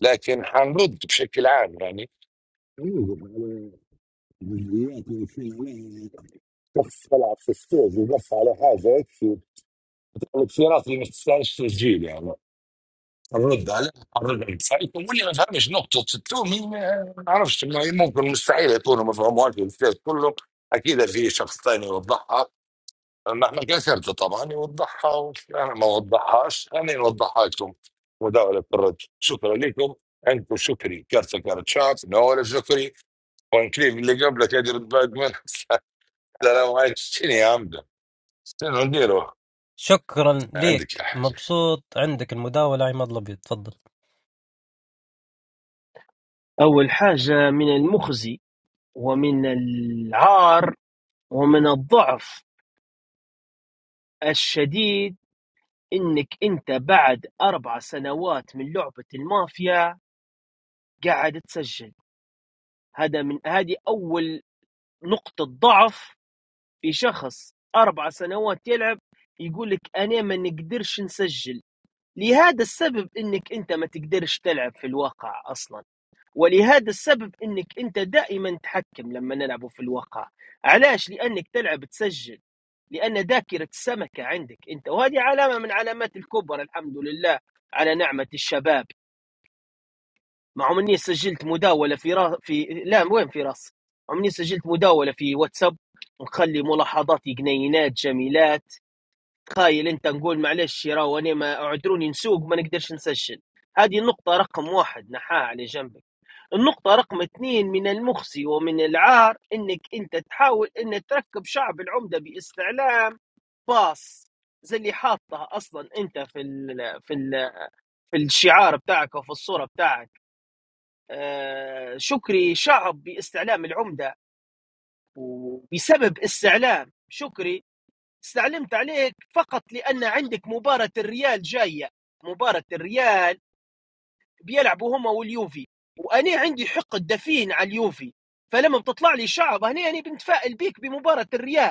[SPEAKER 4] لكن حنرد بشكل عام يعني نوجد على جزئيات ويكون عليها شخص يلعب في السوق ويقف على حاجة يكفي الاختيارات اللي ما تستاهلش تسجيل يعني نرد عليها نرد على سايتهم واللي ما فهمش نقطة التومي ما نعرفش ما- ممكن مستحيل يكونوا ما فهموهاش الاستاذ كلهم أكيد في شخص ثاني يوضحها نحن كسرته طبعا يوضحها وانا ما وضحهاش انا نوضحها لكم مداولة الرد شكرا لكم عندكم شكري كارت كارت شعب نوال شكري وانكليف اللي قبلك يرد باك من السلام عليكم شنو يا عمدا شنو نديروا
[SPEAKER 1] شكرا
[SPEAKER 4] عندك يا
[SPEAKER 1] ليك
[SPEAKER 4] حاجة
[SPEAKER 1] مبسوط عندك المداولة عماد الأبيض تفضل
[SPEAKER 7] أول حاجة من المخزي ومن العار ومن الضعف الشديد إنك أنت بعد أربع سنوات من لعبة المافيا قاعد تسجل هذا من هذه أول نقطة ضعف في شخص أربع سنوات يلعب يقول لك أنا ما نقدرش نسجل لهذا السبب انك انت ما تقدرش تلعب في الواقع اصلا ولهذا السبب انك انت دائما تحكم لما نلعبه في الواقع علاش لانك تلعب تسجل لان ذاكره السمكه عندك انت وهذه علامه من علامات الكبر الحمد لله على نعمه الشباب مع اني سجلت مداوله في را... في لا وين في راسي عمني سجلت مداوله في واتساب ونخلي ملاحظاتي جنينات جميلات تخيل انت نقول معلش يا راو انا ما اعذروني نسوق ما نقدرش نسجل هذه النقطة رقم واحد نحاها على جنبك النقطة رقم اثنين من المخزي ومن العار انك انت تحاول ان تركب شعب العمدة باستعلام باص زي اللي حاطها اصلا انت في ال في ال في الشعار بتاعك وفي الصورة بتاعك آه شكري شعب باستعلام العمدة وبسبب استعلام شكري استعلمت عليك فقط لأن عندك مباراة الريال جاية مباراة الريال بيلعبوا هما واليوفي وأنا عندي حق الدفين على اليوفي فلما بتطلع لي شعب هنا أنا بنتفائل بيك بمباراة الريال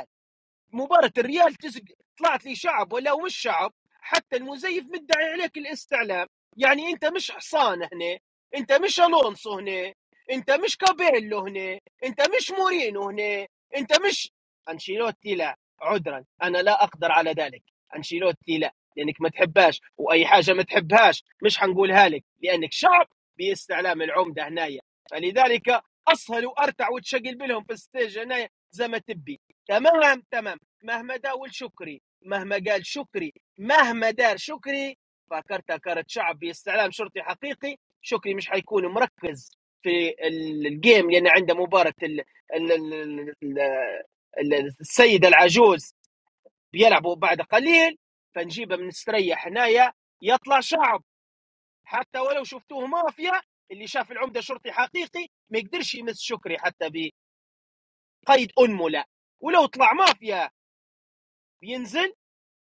[SPEAKER 7] مباراة الريال تسق طلعت لي شعب ولا مش شعب حتى المزيف مدعي عليك الاستعلام يعني انت مش حصان هنا انت مش الونسو هنا انت مش كابيلو هنا انت مش مورينو هنا انت مش انشيلوتي لا عذرا انا لا اقدر على ذلك انشيلوتي لا لانك ما تحبهاش واي حاجه ما تحبهاش مش حنقولها لك لانك شعب باستعلام العمده هنايا فلذلك اسهل وارتع وتشقل بلهم في الستيج هنايا زي ما تبي تمام تمام مهما داول شكري مهما قال شكري مهما دار شكري فكرتها كرت شعب باستعلام شرطي حقيقي شكري مش حيكون مركز في ال- الجيم لان عنده مباراه ال- ال- ال- ال- ال- السيده العجوز بيلعبوا بعد قليل فنجيبه مستريح هنايا يطلع شعب حتى ولو شفتوه مافيا اللي شاف العمده شرطي حقيقي ما يقدرش يمس شكري حتى بقيد انمله ولو طلع مافيا بينزل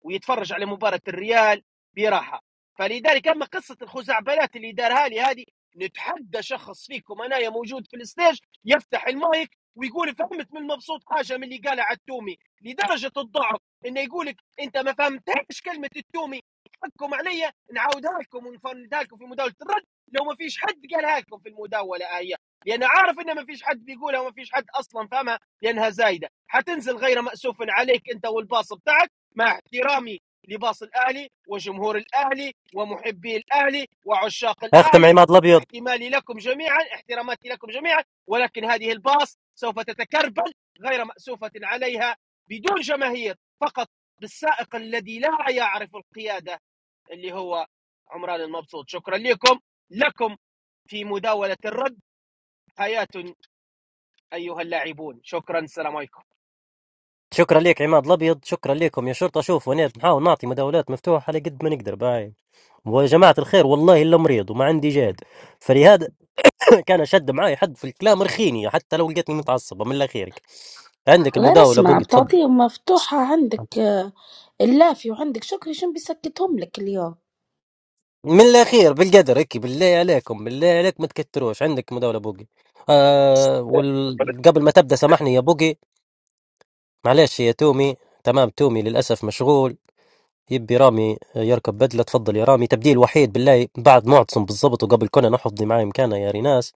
[SPEAKER 7] ويتفرج على مباراه الريال براحه فلذلك اما قصه الخزعبلات اللي دارها لي هذه نتحدى شخص فيكم انايا موجود في الستيج يفتح المايك ويقول فهمت من مبسوط حاجه من اللي قالها على التومي لدرجه الضعف انه يقولك انت ما فهمتهاش كلمه التومي حقكم عليا نعاودها لكم ونفندها لكم في مداوله الرد لو ما فيش حد قالها لكم في المداوله هي لان عارف ان ما فيش حد بيقولها وما فيش حد اصلا فاهمها لانها زايده حتنزل غير ماسوف عليك انت والباص بتاعك مع احترامي لباص الاهلي وجمهور الاهلي ومحبي الاهلي وعشاق
[SPEAKER 1] اختم
[SPEAKER 7] الاهلي
[SPEAKER 1] عماد الأبيض
[SPEAKER 7] احتمالي لكم جميعا احتراماتي لكم جميعا ولكن هذه الباص سوف تتكربل غير مأسوفة عليها بدون جماهير فقط بالسائق الذي لا يعرف القيادة اللي هو عمران المبسوط شكرا لكم لكم في مداولة الرد حياة أيها اللاعبون شكرا السلام عليكم
[SPEAKER 1] شكرا ليك عماد الابيض شكرا ليكم يا شرطه شوف ونيت نحاول نعطي مداولات مفتوحه على قد ما نقدر باي وجماعه الخير والله الا مريض وما عندي جاد فلهذا كان شد معاي حد في الكلام رخيني حتى لو لقيتني متعصبه من الاخيرك عندك
[SPEAKER 6] غير
[SPEAKER 1] المداوله
[SPEAKER 6] اسمع
[SPEAKER 1] بوقت تفضل
[SPEAKER 6] بتعطيهم مفتوحة عندك آه، اللافي وعندك شكري شنو بيسكتهم لك اليوم
[SPEAKER 1] من الاخير بالقدر هيك بالله عليكم بالله عليك ما تكتروش عندك مداوله بوقي آه وقبل ما تبدا سامحني يا بوقي معلش يا تومي تمام تومي للاسف مشغول يبي رامي يركب بدلة تفضل يا رامي تبديل وحيد بالله بعد معتصم بالضبط وقبل كنا نحفظ معي مكانه يا ريناس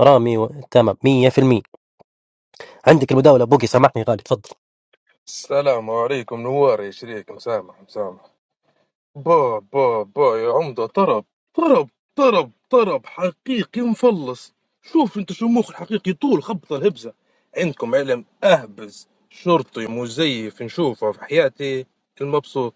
[SPEAKER 1] رامي و... تمام 100% عندك المداولة بوقي سامحني غالي تفضل
[SPEAKER 2] السلام عليكم نوار يا شريك مسامح مسامح با با با يا عمدة طرب طرب طرب طرب حقيقي مفلص شوف انت شو مخ الحقيقي طول خبطة الهبزة عندكم علم اهبز شرطي مزيف نشوفه في حياتي المبسوط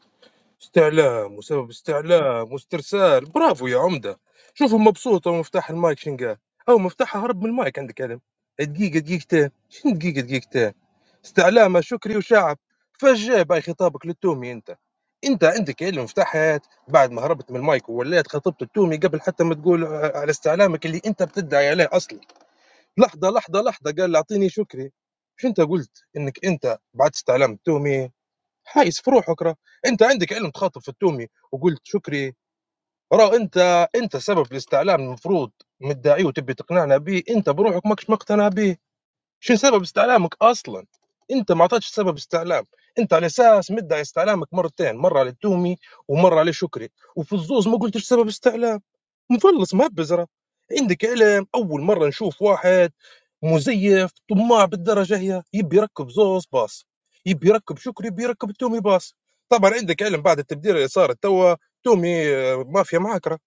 [SPEAKER 2] استعلام وسبب استعلام واسترسال برافو يا عمده شوفه مبسوط هو مفتاح المايك شن قال او مفتاحه هرب من المايك عندك علم دقيقه دقيقتين شنو دقيقه دقيقتين استعلام شكري وشعب فجاه باي خطابك للتومي انت انت عندك علم مفتاح حياه بعد ما هربت من المايك ووليت خطبت التومي قبل حتى ما تقول ع- على استعلامك اللي انت بتدعي عليه اصلا لحظه لحظه لحظه قال اعطيني شكري مش انت قلت انك انت بعد استعلام التومي حايس في روحك راه انت عندك علم تخاطب في التومي وقلت شكري راه انت انت سبب الاستعلام المفروض مدعيه وتبي تقنعنا به انت بروحك ماكش مقتنع به شو سبب استعلامك اصلا انت ما اعطيتش سبب استعلام انت على اساس مدعي استعلامك مرتين مره للتومي ومره لشكري وفي الزوز ما قلتش سبب استعلام مفلّص مهبّز عندي كلام أول مرّة نشوف واحد مزيف طماع بالدرجة هي يبي يركّب زوز باص، يبي يركّب شكري، يبي يركّب تومي باص، طبعًا عندك علم بعد التبديلة اللي صارت توا تومي آه، مافيا معاك راه،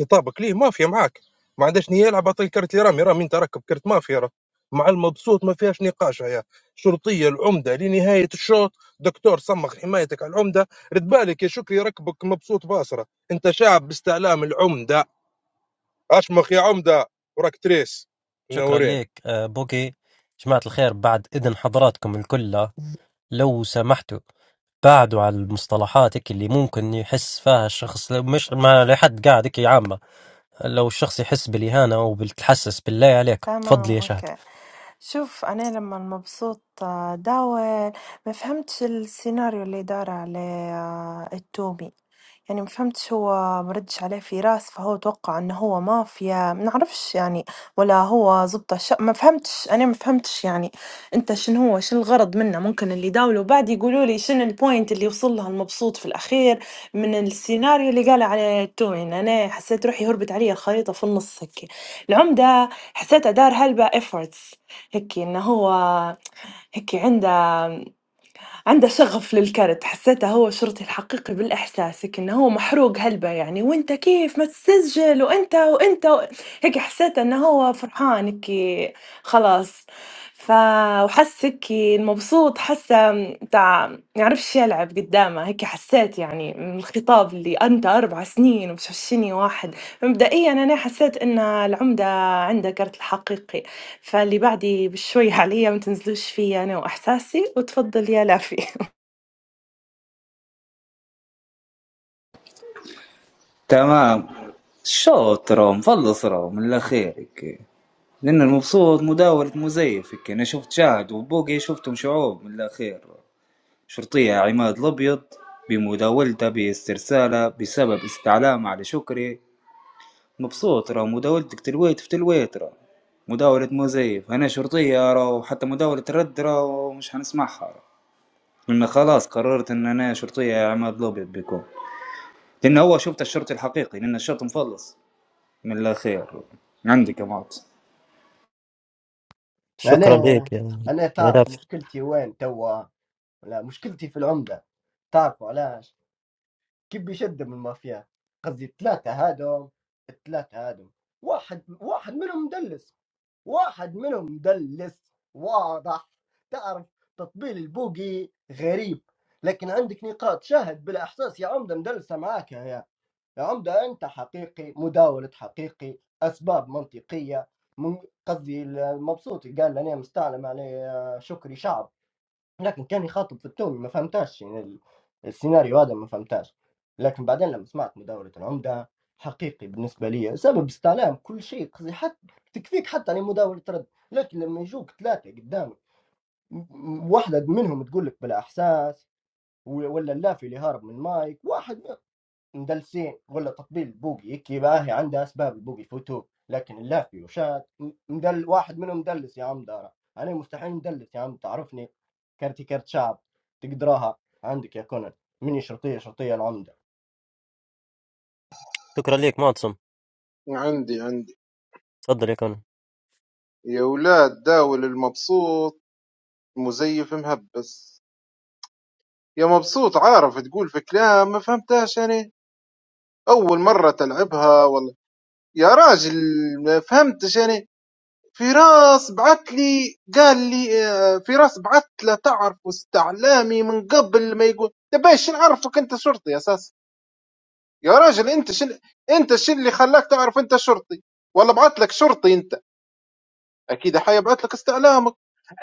[SPEAKER 2] خطابك ليه مافيا معاك، ما عندهاش نية يلعب أعطيه الكرت لرامي، رامي أنت راكب كرت مافيا راه، مع المبسوط ما فيهاش نقاش هي، شرطية العمدة لنهاية الشوط دكتور صمّغ حمايتك على العمدة، رد بالك يا شكري ركبك مبسوط باص راه، أنت شاعب باستعلام العمدة. اشمخ يا عمده وراك تريس
[SPEAKER 1] شكرا
[SPEAKER 2] منورين
[SPEAKER 1] لك آه، بوقي جماعة الخير بعد إذن حضراتكم الكل لو سمحتوا بعدوا على المصطلحات هيك اللي ممكن يحس فيها الشخص لو مش ما لحد قاعد هيك عامة لو الشخص يحس بالإهانة وبالتحسس بالله عليك
[SPEAKER 3] تمام
[SPEAKER 1] تفضل يا شهد
[SPEAKER 3] اوكي شوف انا لما المبسوط آه، داول ما فهمتش السيناريو اللي دار عليه آه، التومي يعني ما فهمتش هو مردش عليه فراس فهو توقع انه هو مافيا ما نعرفش يعني ولا هو زبط الشق ما فهمتش انا ما فهمتش يعني انت شنو هو شنو الغرض منه ممكن اللي داولوا بعد يقولوا لي شنو البوينت اللي وصل لها المبسوط في الاخير من السيناريو اللي قال عليه التومي انا حسيت روحي هربت علي الخريطة في النص هيك العمدة حسيته دار هلبا efforts هيكي إنه هو هيكي عنده عنده شغف للكرت حسيته هو الشرطي الحقيقي بالإحساس هيك إنه هو محروق هلبا يعني وأنت كيف ما تسجل وأنت وأنت و... هيك حسيت إنه هو فرحان هيك خلاص ف وحس هيك المبسوط حسه تاع يعرفش يلعب قدامه هيك حسيت يعني من الخطاب اللي أنت أربع سنين ومش عشريني واحد مبدئيا أنا حسيت إن العمدة عنده كرت الحقيقي فاللي بعدي بشوي حاليا ما تنزلوش فيا أنا وإحساسي وتفضل يا لافي
[SPEAKER 5] تمام شاطرة مفلصرة من الأخير هيك لأن المبسوط مداولة مزيف هيك أنا شفت شاهد وبوقي شفتهم شعوب من الأخير شرطية عماد الأبيض بمداولته باسترسالة بسبب استعلامه على شكري مبسوط راه مداولتك تلويت في تلويت راه مداولة مزيف أنا شرطية راه وحتى مداولة الرد راه مش حنسمعها راه لأن خلاص قررت إن أنا شرطية عماد الأبيض بيكون لأن هو شفت الشرطي الحقيقي لأن الشرط مفلص من لا خير عندك يا مات
[SPEAKER 1] شكرا
[SPEAKER 12] انا
[SPEAKER 1] لك يا
[SPEAKER 12] انا
[SPEAKER 1] يا
[SPEAKER 12] تعرف
[SPEAKER 1] لافي
[SPEAKER 12] مشكلتي وين توا لا مشكلتي في العمده تعرفوا علاش كيف بيشد من المافيا قصدي الثلاثه هادو الثلاثه هادو واحد واحد منهم مدلس واحد منهم مدلس واضح تعرف تطبيل البوقي غريب لكن عندك نقاط شاهد بالاحساس يا عمده مدلسه معاك يا عمدة أنت حقيقي مداولة حقيقي أسباب منطقية من قصدي المبسوط قال أنا مستعلم عليه آه، شكري شعب لكن كان يخاطب في التون ما فهمتاش يعني ال- السيناريو هذا ما فهمتاش لكن بعدين لما سمعت مداولة العمدة حقيقي بالنسبة لي سبب استعلام كل شيء قصدي حتى تكفيك حتى على مداولة رد لكن لما يجوك ثلاثة قدامك م- م- واحدة منهم تقول لك بالإحساس و- ولا اللافي اللي هارب من مايك واحد مدلسين ولا تطبيل بوقي هيك بقى هي عندها اسباب البوقي فوتوه لكن اللافي وشات م- مدل واحد منهم مدلس يا عم دارا انا مستحيل مدلس يا عم تعرفني كرتي كرت شعب تقدرها عندك يا كونان مني شرطيه شرطيه العمده
[SPEAKER 1] شكرا لك معتصم
[SPEAKER 13] عندي عندي
[SPEAKER 1] تفضل يا كون
[SPEAKER 13] يا ولاد داول المبسوط مزيف مهبس يا مبسوط عارف تقول في كلام ما فهمتهاش أنا أول مرة تلعبها والله يا راجل ما فهمتش أنا فراس بعت لي قال لي آه، فراس بعت له تعرف استعلامي من قبل ما يقول تبي شو نعرفك أنت شرطي أساس يا راجل أنت شل أنت شو اللي خلاك تعرف أنت شرطي ولا بعت لك شرطي أنت أكيد حيبعت لك استعلام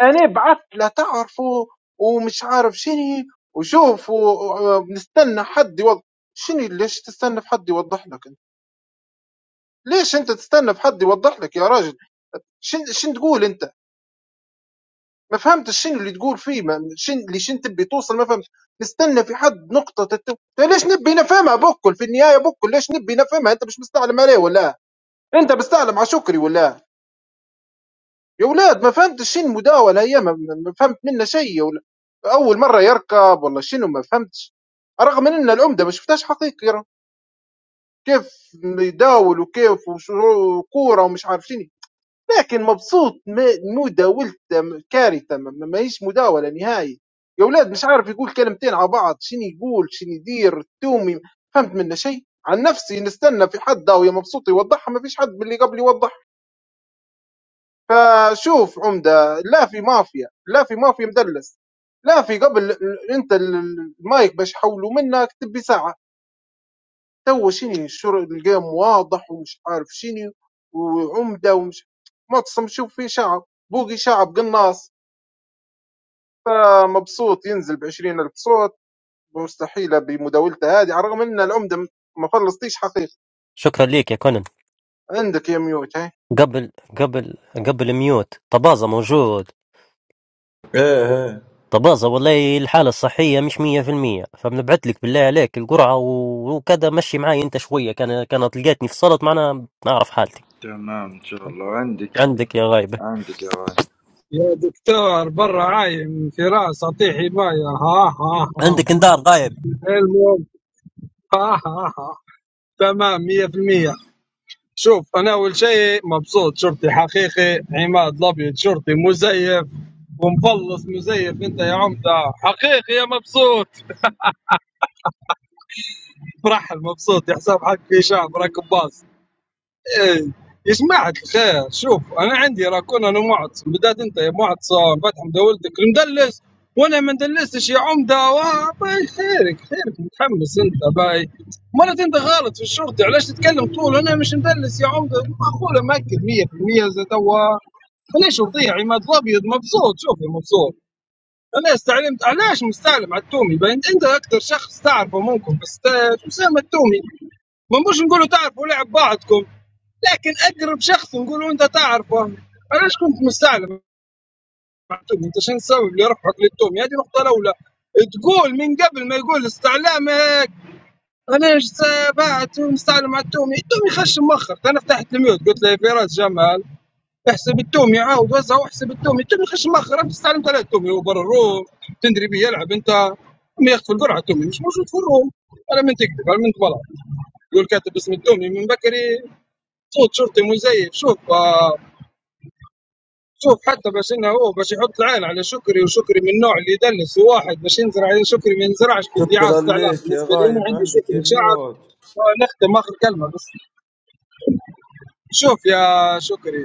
[SPEAKER 13] انا بعت لا تعرفوا ومش عارف شنو وشوف ونستنى حد يوضح شنو ليش تستنى في حد يوضح لك انت ليش انت تستنى في حد يوضح لك يا راجل شن شن تقول انت ما فهمتش شنو اللي تقول فيه ما شن اللي شن تبي توصل ما فهمتش نستنى في حد نقطة تت... أنت ليش نبي نفهمها بكل في النهاية بكل ليش نبي نفهمها انت مش مستعلم عليه ولا انت مستعلم على شكري ولا يا ولاد ما فهمتش شنو المداولة هي ما ما فهمت منها شيء يا ولاد أول مرة يركب والله شنو ما فهمتش رغم إن العمدة ما شفتهاش حقيقي يرى. كيف يداول وكيف وشو- وكورة ومش عارف شنو لكن مبسوط ما- مداولته م- كارثة ما ما- ماهيش مداولة نهائي يا ولاد مش عارف يقول كلمتين على بعض شنو يقول شنو يدير التومي فهمت منه شيء عن نفسي نستنى في حد أو يا مبسوط يوضحها ما فيش حد من اللي قبل يوضح فشوف عمده لا في مافيا لا في مافيا مدلس لا في قبل ال- انت ال- المايك باش يحولوا منك تبي ساعه تو شني الشر الجيم واضح ومش عارف شني وعمده ومش مطسم شوف في شعب بوقي شعب قناص فمبسوط ينزل ب ألف صوت مستحيله بمداولته هذه على الرغم ان العمده م- ما فلسطيش حقيقه
[SPEAKER 1] شكرا ليك يا كونن
[SPEAKER 13] عندك يا ميوت هاي
[SPEAKER 1] قبل قبل قبل ميوت طبازة موجود
[SPEAKER 11] ايه ايه
[SPEAKER 1] طبازة والله الحالة الصحية مش مية في المية فبنبعت لك بالله عليك القرعة و- وكذا مشي معي انت شوية كان كانت لقيتني فصلت معنا نعرف حالتي
[SPEAKER 11] تمام ان شاء الله عندك
[SPEAKER 1] عندك يا غايبة
[SPEAKER 11] عندك يا غالي
[SPEAKER 8] يا دكتور برا عايم فراس اعطيه حمايه ها ها ها
[SPEAKER 1] عندك اندار غايب
[SPEAKER 8] المهم ها ها ها تمام 100% شوف انا اول شيء مبسوط شرطي حقيقي عماد الابيض شرطي مزيف ومفلص مزيف انت يا عمده حقيقي يا مبسوط فرحل مبسوط يا حساب حق في شعب راكب باص إيه، يسمعك خير شوف انا عندي راكون انا معطس بدات انت يا معطس فتح مدولتك المدلس وانا ما ندلستش يا عمده وا- باي خيرك خيرك متحمس انت باي مرات انت غلط في الشرطي علاش تتكلم طول انا مش مدلس يا عمده معقوله ماكد 100% زي توا انا شرطي عماد الابيض مبسوط شوف يا مبسوط انا استعلمت علاش مستعلم على التومي باين انت اكثر شخص تعرفه ممكن بس تا- اسامه التومي ما نقولوا تعرفوا لعب بعضكم لكن اقرب شخص نقول انت تعرفه علاش كنت مستعلم مع توم انت شنو السبب اللي رفعك للتومي هذه نقطه الاولى تقول من قبل ما يقول استعلامك انا بعت مستعلم مع التومي التومي خش مخر انا فتحت الميوت قلت له يا فراس جمال احسب التومي عاود وزع واحسب التومي التومي خش مخر انت استعلمت على التومي هو برا الروم تندري بيه يلعب انت ما ياخذ في القرعه التومي مش موجود في الروم على من تكذب على من تبلع يقول كاتب اسم التومي من بكري صوت شرطي مزيف شوف آه شوف حتى بس انه هو بس يحط العين على شكري وشكري من النوع اللي يدلس واحد بس ينزرع عليه شكري ما ينزرعش في ادعاء
[SPEAKER 11] شكرا
[SPEAKER 8] استعلام
[SPEAKER 11] لك يا
[SPEAKER 8] بالنسبه لي انا
[SPEAKER 11] غايب
[SPEAKER 8] عندي
[SPEAKER 11] عندك يا
[SPEAKER 8] شكري شعب
[SPEAKER 11] ميوت
[SPEAKER 8] ونختم اخر كلمه بس شوف يا شكري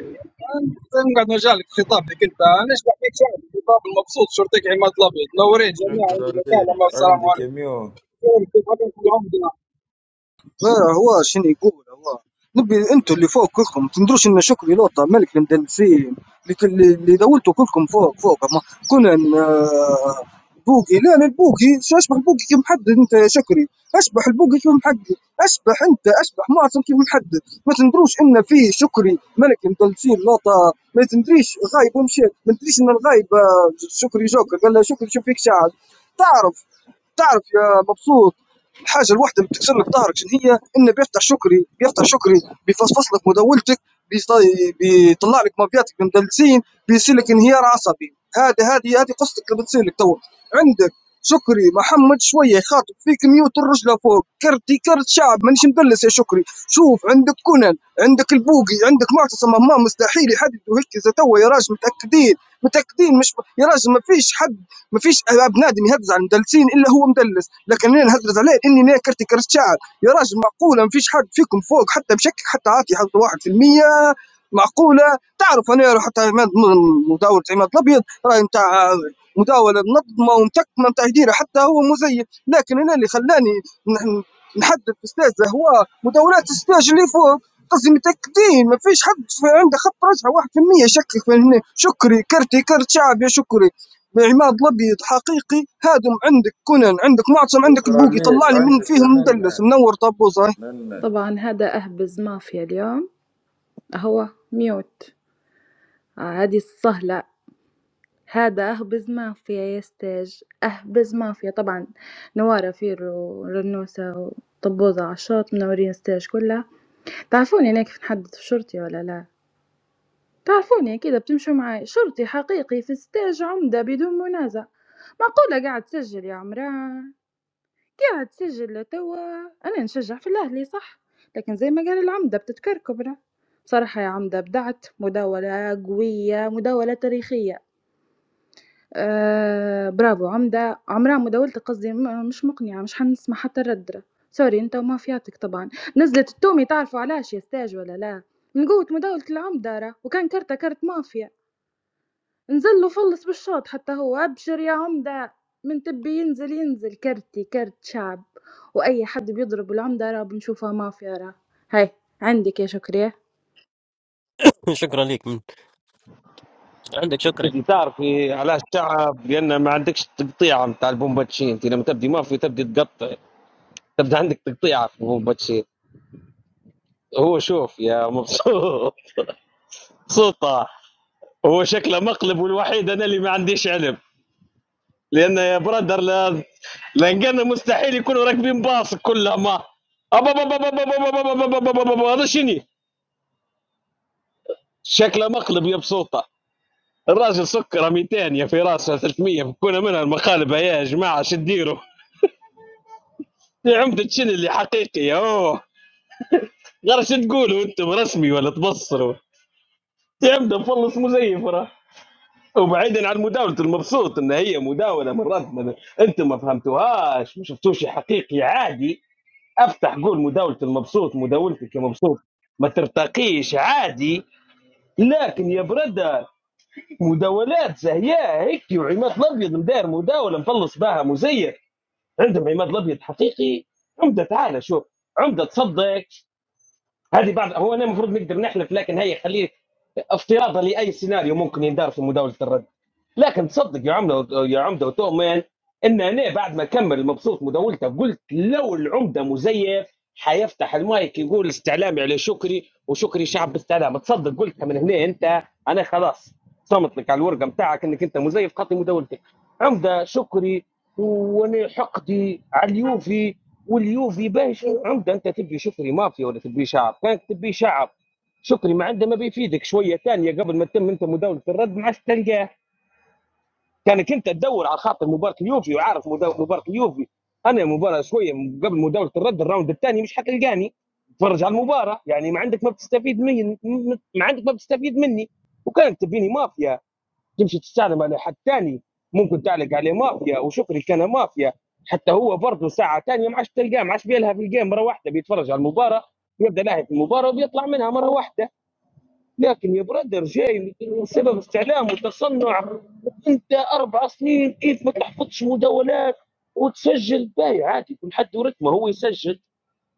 [SPEAKER 8] انت نقعد مجالك خطابك انت انا اشبع فيك شعب خطاب المبسوط شرطيك عماد الابيض نورين جميع عندي
[SPEAKER 11] شكرا
[SPEAKER 8] مكالمه
[SPEAKER 11] لك
[SPEAKER 8] والسلام
[SPEAKER 11] عندك يا
[SPEAKER 8] عليكم
[SPEAKER 11] ميوت
[SPEAKER 8] شكري كيف حالك يا عمدنا
[SPEAKER 9] لا هو شنو يقول هو نبي انتوا اللي فوق كلكم تندروش ان شكري لوطا ملك المدلسين اللي كل- اللي دولتوا كلكم فوق فوق ما كنا آه، بوقي لا لا البوقي شو اشبح البوقي كيف محدد انت يا شكري اشبح البوقي كيف محدد اشبح انت اشبح معصم كيف محدد ما تندروش ان في شكري ملك المدلسين لوطا ما تندريش غايب ومشي ما تندريش ان الغايب آه، شكري جوكر قال له شكري شوف فيك شعب تعرف تعرف يا مبسوط الحاجة الوحدة اللي بتكسر لك ظهرك شنو هي؟ إن بيفتح شكري بيفتح شكري بيفصفص لك مداولتك بيص- بيطلع لك مافياتك المدلسين بيصير لك انهيار عصبي هذه هذه هذه قصتك اللي بتصير لك تو عندك شكري محمد شويه يخاطب فيك ميوت الرجله فوق كرتي كرت شعب مانيش مدلس يا شكري شوف عندك كونان عندك البوقي عندك معتصم مهما مستحيل يحددوا هيك اذا توا يا راجل متاكدين متاكدين مش يا راجل ما فيش حد مفيش بنادم يهدز على المدلسين الا هو مدلس لكن انا نهدز عليه اني انا كرتي كرت شعب يا راجل معقوله مفيش حد فيكم فوق حتى بشكل حتى عاطي حتى واحد في المية معقوله تعرف انا حتى عماد- مداوله عماد الابيض راي نتاع مداوله منظمه ومتكمه نتاع يديرها حتى هو مزيف لكن انا اللي خلاني نح- نحدد استاذه هو مداولات السtage اللي فوق قصدي متأكدين ما فيش حد في عنده خط رجعة واحد في المية يشكك من هنا شكري كرتي كرت شعب يا شكري بعماد الابيض حقيقي هادم عندك كونان عندك معتصم عندك
[SPEAKER 11] شكرا
[SPEAKER 9] بوقي طلع
[SPEAKER 11] لك
[SPEAKER 9] لي من
[SPEAKER 11] عندك يا
[SPEAKER 9] فيهم مدلس
[SPEAKER 11] منة
[SPEAKER 9] منور طبوز
[SPEAKER 11] منة
[SPEAKER 14] طبعا هذا أهبز مافيا اليوم هو ميوت آه، هذه السهلة هذا أهبز مافيا يا ستاج أهبز مافيا طبعا نوارة فيرو ورنوسة وطبوزة عشاط منورين ستاج كلها تعرفوني أنا كيف نحدد في شرطي ولا لا تعرفوني كذا بتمشوا معي شرطي حقيقي في ستاج عمدة بدون منازع معقولة قاعد تسجل يا عمران كي عاد تسجل توا انا نشجع في الاهلي صح لكن زي ما قال العمدة بتتكركبنا بصراحة يا عمدة ابدعت مداولة قوية مداولة تاريخية آه برافو عمدة عمرها مداولتك قصدي م- مش مقنعة مش حنسمع حتى الردرة سوري انت وما فياتك طبعا نزلت التومي تعرفوا علاش يا ستاج ولا لا من قوة مداولة العمدة راه، وكان كارتة كارت مافيا نزل له فلّس بالشوط حتى هو أبشر يا عمدة من تبي ينزل ينزل كرتي كرت شعب وأي حد بيضرب العمدة راه بنشوفها مافيا راه هاي عندك يا شكري
[SPEAKER 1] شكرا ليك من. عندك شكرا
[SPEAKER 10] انت تعرفي على الشعب لان ما عندكش تقطيع نتاع البومباتشي انت لما تبدي مافيا تبدي تقطع تبدا عندك تقطيع في البومباتشي هو شوف يا مبسوط صوته هو شكله مقلب والوحيد انا اللي ما عنديش علم لان يا برادر لا- لانقنا مستحيل يكونوا راكبين باص كلهم ما أبا- أبا- أبا- أبا- أبا- أبا- أبا- أبا- أبا- أبا- هذا شني شكله مقلب يا بسوطه الراجل سكره 200 يا في راسه 300 بكون منها المقالب يا جماعه شو تديروا يا عمده شني اللي حقيقي يا اوه غير شو تقولوا انتم رسمي ولا تبصروا يا عمده مفلص مزيف راه وبعيدا عن مداولة المبسوط ان هي مداولة مرات ما- انتم ما فهمتوهاش ما شفتوش حقيقي عادي افتح قول مداولة المبسوط مداولتك يا مبسوط ما ترتقيش عادي لكن يا برادة مداولات زهياء هيك وعماد الابيض مداير مداولة مخلص بها مزير عندهم عماد الابيض حقيقي عمدة تعالى شوف عمدة تصدق هذه بعض هو انا المفروض نقدر نحلف لكن هي خليه افتراضا لاي سيناريو ممكن يندار في مداولة الرد لكن تصدق يا عمده يا عمده وتؤمن ان انا بعد ما كمل مبسوط مداولته قلت لو العمده مزيف حيفتح المايك يقول استعلامي على شكري وشكري شعب باستعلام تصدق قلتها من هنا انت انا خلاص صمت لك على الورقه بتاعك انك انت مزيف قطي مداولتك عمده شكري وانا حقدي على اليوفي واليوفي باش عمده انت تبي شكري مافيا ولا تبي شعب كانك تبي شعب شكري ما عنده ما بيفيدك شويه ثانيه قبل ما تتم انت مداوله الرد ما عادش تلقاه كانك انت تدور على خاطر مباراه اليوفي وعارف مدا- مباراه اليوفي انا مباراه شويه من قبل مداوله الرد الراوند الثاني مش حتلقاني تفرج على المباراه يعني ما عندك ما بتستفيد مني ما عندك ما بتستفيد مني وكانت تبيني مافيا تمشي تستعلم على حد ثاني ممكن تعلق عليه مافيا وشكري كان مافيا حتى هو برضه ساعه ثانيه ما عادش تلقاه ما عادش بيلها في الجيم مره واحده بيتفرج على المباراه بيبدا لاهي في المباراه وبيطلع منها مره واحده لكن يا برادر جاي سبب استعلام وتصنع انت اربع سنين كيف ما تحفظش مداولات وتسجل باي عادي كل حد ورتمه هو يسجل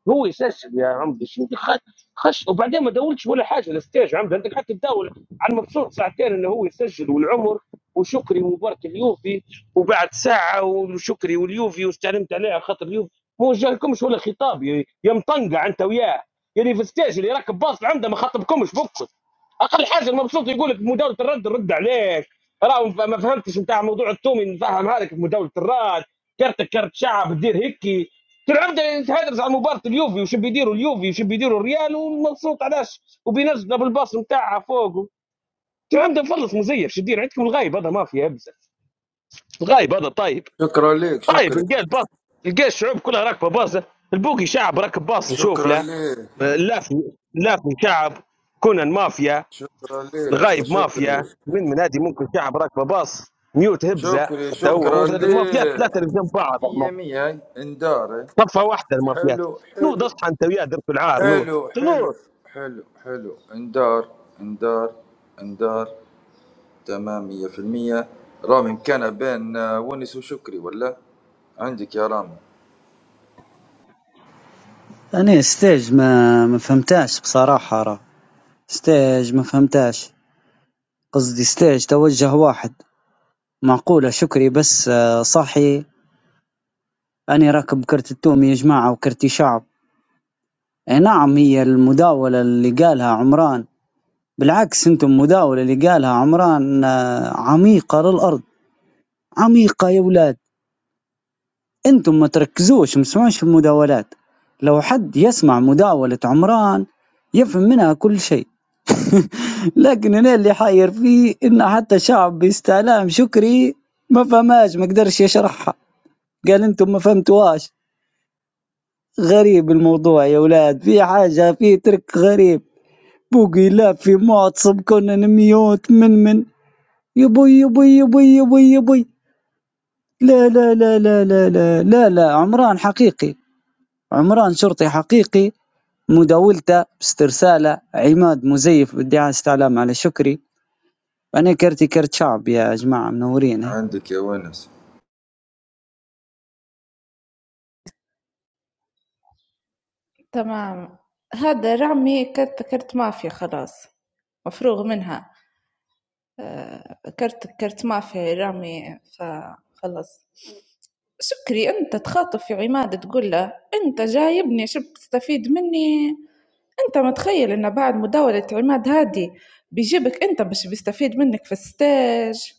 [SPEAKER 10] هو يسلسل يا عمدي شو بدي خ- خش وبعدين ما دولتش ولا حاجه الستيج عمدي انت قعدت تداول على المبسوط ساعتين انه هو يسجل والعمر وشكري ومبارك اليوفي وبعد ساعه وشكري واليوفي واستعلمت عليه على خاطر اليوفي هو جالكمش ولا خطاب يا يا مطنقع انت وياه يعني في الستيج اللي راكب باص عنده ما خطبكمش بكم اقل حاجه المبسوط يقول لك مداوله الرد رد عليك راه ما فهمتش نتاع موضوع التومي نفهمها لك في مداوله الرد كرتك كرت شعب دير هيك طول عمره يتهدرس على مباراه اليوفي وش بيديروا اليوفي وش بيديروا الريال ومبسوط علاش وبينزل بالباص نتاعها فوق طول عمره مفلص مزيف شو دير عندكم الغايب هذا ما في ابزه الغايب هذا طيب
[SPEAKER 11] شكرا لك
[SPEAKER 10] طيب
[SPEAKER 11] شكري
[SPEAKER 10] نلقى الباص نلقى الشعوب كلها راكبه باصه البوكي شعب راكب باص نشوف
[SPEAKER 11] شكرا
[SPEAKER 10] له
[SPEAKER 11] لك
[SPEAKER 10] اللافي اللافي شعب كونان مافيا
[SPEAKER 11] شكرا لك يا
[SPEAKER 10] الغايب مافيا
[SPEAKER 11] شكري
[SPEAKER 10] من من هذه ممكن شعب راكبه باص ميوت هبزه
[SPEAKER 11] شكري
[SPEAKER 10] حتى هو مو-
[SPEAKER 11] شكرا
[SPEAKER 10] المافيات
[SPEAKER 11] لك
[SPEAKER 10] ثلاثه اللي جنب بعض
[SPEAKER 11] مية مية هاي اندار
[SPEAKER 10] صفه واحده المافيات
[SPEAKER 11] حلو
[SPEAKER 10] نوض
[SPEAKER 11] حلو
[SPEAKER 10] اصحى انت وياه درب العار نوض
[SPEAKER 11] حلو حلو
[SPEAKER 10] نوض
[SPEAKER 11] حلو حلو اندار اندار اندار تمام مية في المية رامي كان بين آه، ونس وشكري ولا عندك يا رامي
[SPEAKER 15] أنا ستيج ما ما فهمتهاش بصراحة راه ستيج ما فهمتهاش قصدي ستيج توجه واحد معقولة شكري بس صاحي أني راكب كرت التوم يا جماعة وكرتي شعب أي نعم هي المداولة اللي قالها عمران بالعكس انتم المداولة اللي قالها عمران آه، عميقة للأرض عميقة يا ولاد انتم ما تركزوش ما تسمعوش المداولات لو حد يسمع مداولة عمران يفهم منها كل شيء لكن أنا اللي حاير فيه إن حتى شعب بيستعلام شكري ما فهمهاش ما قدرش يشرحها قال أنتم ما فهمتوهاش غريب الموضوع يا ولاد في حاجة في ترك غريب بوقي لا في معتصم كونان ميوت من من يبوي يبوي يبوي يبوي يبوي لا لا لا لا لا لا لا لا عمران حقيقي عمران شرطي حقيقي مداولته باسترساله عماد مزيف بادعاء استعلام على شكري انا كرتي كرت شعب يا جماعه منورين هي
[SPEAKER 11] عندك يا ونس
[SPEAKER 16] تمام. هذا رعمي كرت كرت مافيا خلاص، مفروغ منها، آه، كرتك كرت مافيا يا رعمي فخلاص. شكري أنت تخاطب في عماد تقول له أنت جايبني شبت تستفيد مني أنت متخيل إن بعد مداولة عماد هادي بيجيبك أنت باش بيستفيد منك في الستاج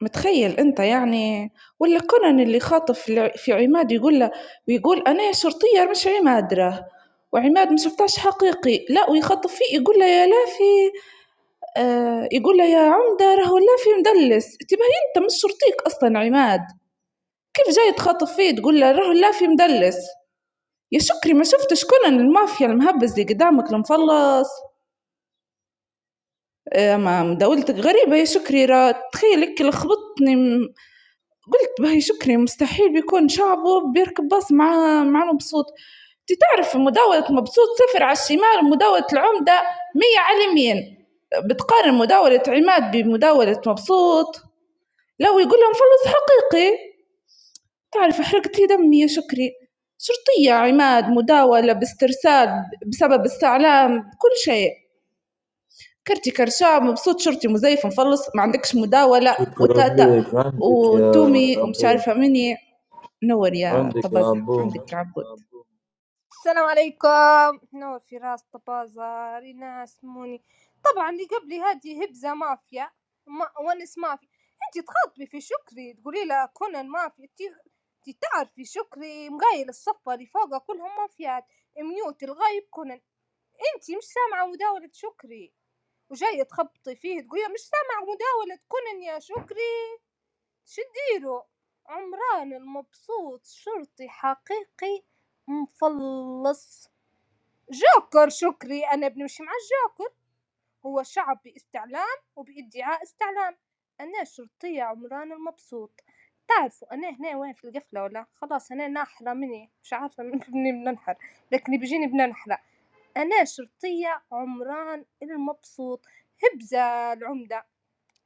[SPEAKER 16] متخيّل أنت يعني! واللي قرن اللي خاطف في في عماد يقول له ويقول أنايا شرطية مش عماد راه، وعماد ما شفتهاش حقيقي، لأ ويخاطب فيه يقول له يا لافي آه يقول له يا عمدة راهو اللافي مدلّس، تباهي أنت مش شرطيك أصلًا عماد، كيف جاي تخاطب فيه تقول له راهو اللافي مدلّس، يا شكري ما شفتش كونان المافيا المهبّز اللي قدامك المفلّص، آه، ما مداولتك غريبة يا شكري راه تخيّل هيك لخبطتني قلت باهي شكري مستحيل بيكون شعبه بيركب باص مع مع مبسوط انت تعرف مداولة مبسوط صفر على الشمال ومداولة العمدة مية على اليمين بتقارن مداولة عماد بمداولة مبسوط لو يقول لهم فلوس حقيقي تعرف حرقت لي دمي يا شكري شرطية عماد مداولة باسترسال بسبب استعلام بكل شيء كرتي كرشام مبسوط شرطي مزيف مفلص ما عندكش مداولة
[SPEAKER 11] شكرا
[SPEAKER 16] وتاتا
[SPEAKER 11] لك عندك يا
[SPEAKER 16] وتومي ومش
[SPEAKER 11] أبو
[SPEAKER 16] عارفة مني نور يا
[SPEAKER 11] عندك يا
[SPEAKER 16] طبازة
[SPEAKER 11] أبو
[SPEAKER 16] عندك عبود
[SPEAKER 17] السلام عليكم نور في راس طبازة ريناس موني طبعا اللي قبلي هذه هبزة مافيا ما ونس مافيا انت تخاطبي في شكري تقولي له كونان مافيا انت انت تعرفي شكري مقايل الصفة اللي فوقه كلهم مافيات ميوت الغايب كونان انت مش سامعة مداولة شكري وجاية تخبطي فيه تقولي مش سامعة مداولة كونان يا شكري شديرو عمران المبسوط شرطي حقيقي مفلص جوكر شكري أنا بنمشي مع الجوكر هو شعب باستعلام وبادعاء استعلام أنا شرطية عمران المبسوط تعرفوا أنا هنا وين في القفلة ولا خلاص أنا ناحرة مني مش عارفة مني بننحر لكن بيجيني بننحرة أنا شرطية عمران المبسوط هبزة العمدة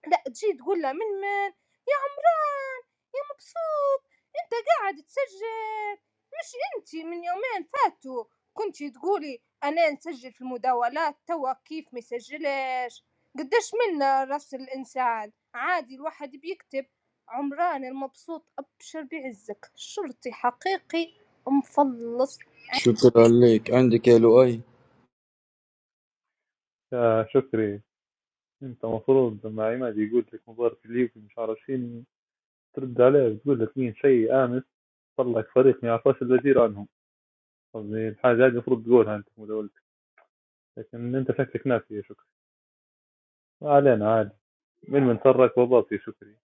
[SPEAKER 17] لأ تجي تقوله من من يا عمران يا مبسوط انت قاعد تسجل مش انت من يومين فاتوا كنتي تقولي انا نسجل في المداولات توا كيف مسجلش قداش منا راس الانسان عادي الواحد بيكتب عمران المبسوط ابشر بعزك شرطي حقيقي مفلص
[SPEAKER 11] شكرا لك عندك يا لؤي
[SPEAKER 18] يا شكري انت مفروض لما عماد يقول لك مباراة ليكي مش عارفين ترد عليه وتقول لك مين شيء امس طلع فريق ما يعرفوش الوزير عنهم قصدي الحاجة هذه المفروض تقولها انت مدولتك لكن انت شكلك ناسي يا شكري ما علينا عادي من من سرك وباص يا شكري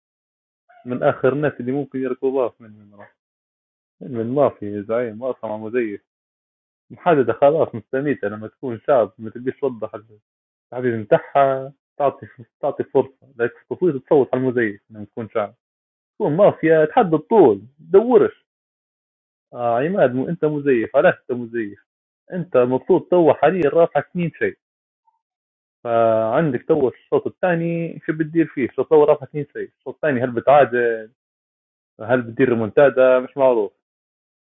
[SPEAKER 18] من اخر الناس اللي ممكن يركبوا باص من من راح من من مافي يا زعيم واصلا مزيف محددة خلاص مستميتة لما تكون شاب ما تبيش توضح التعبير متاعها تعطي تعطي فرصة لك تصوت تصوت على المزيف لما تكون شاب كون مافيا اتحدى الطول دورش آه عماد مو انت مزيف علاش انت مزيف انت المفروض تو حاليا رافعك اثنين شيء فعندك تو الشوط الثاني شو بتدير فيه الشوط الاول رافعك اثنين شيء الشوط الثاني هل بتعادل هل بتدير ريمونتادا مش معروف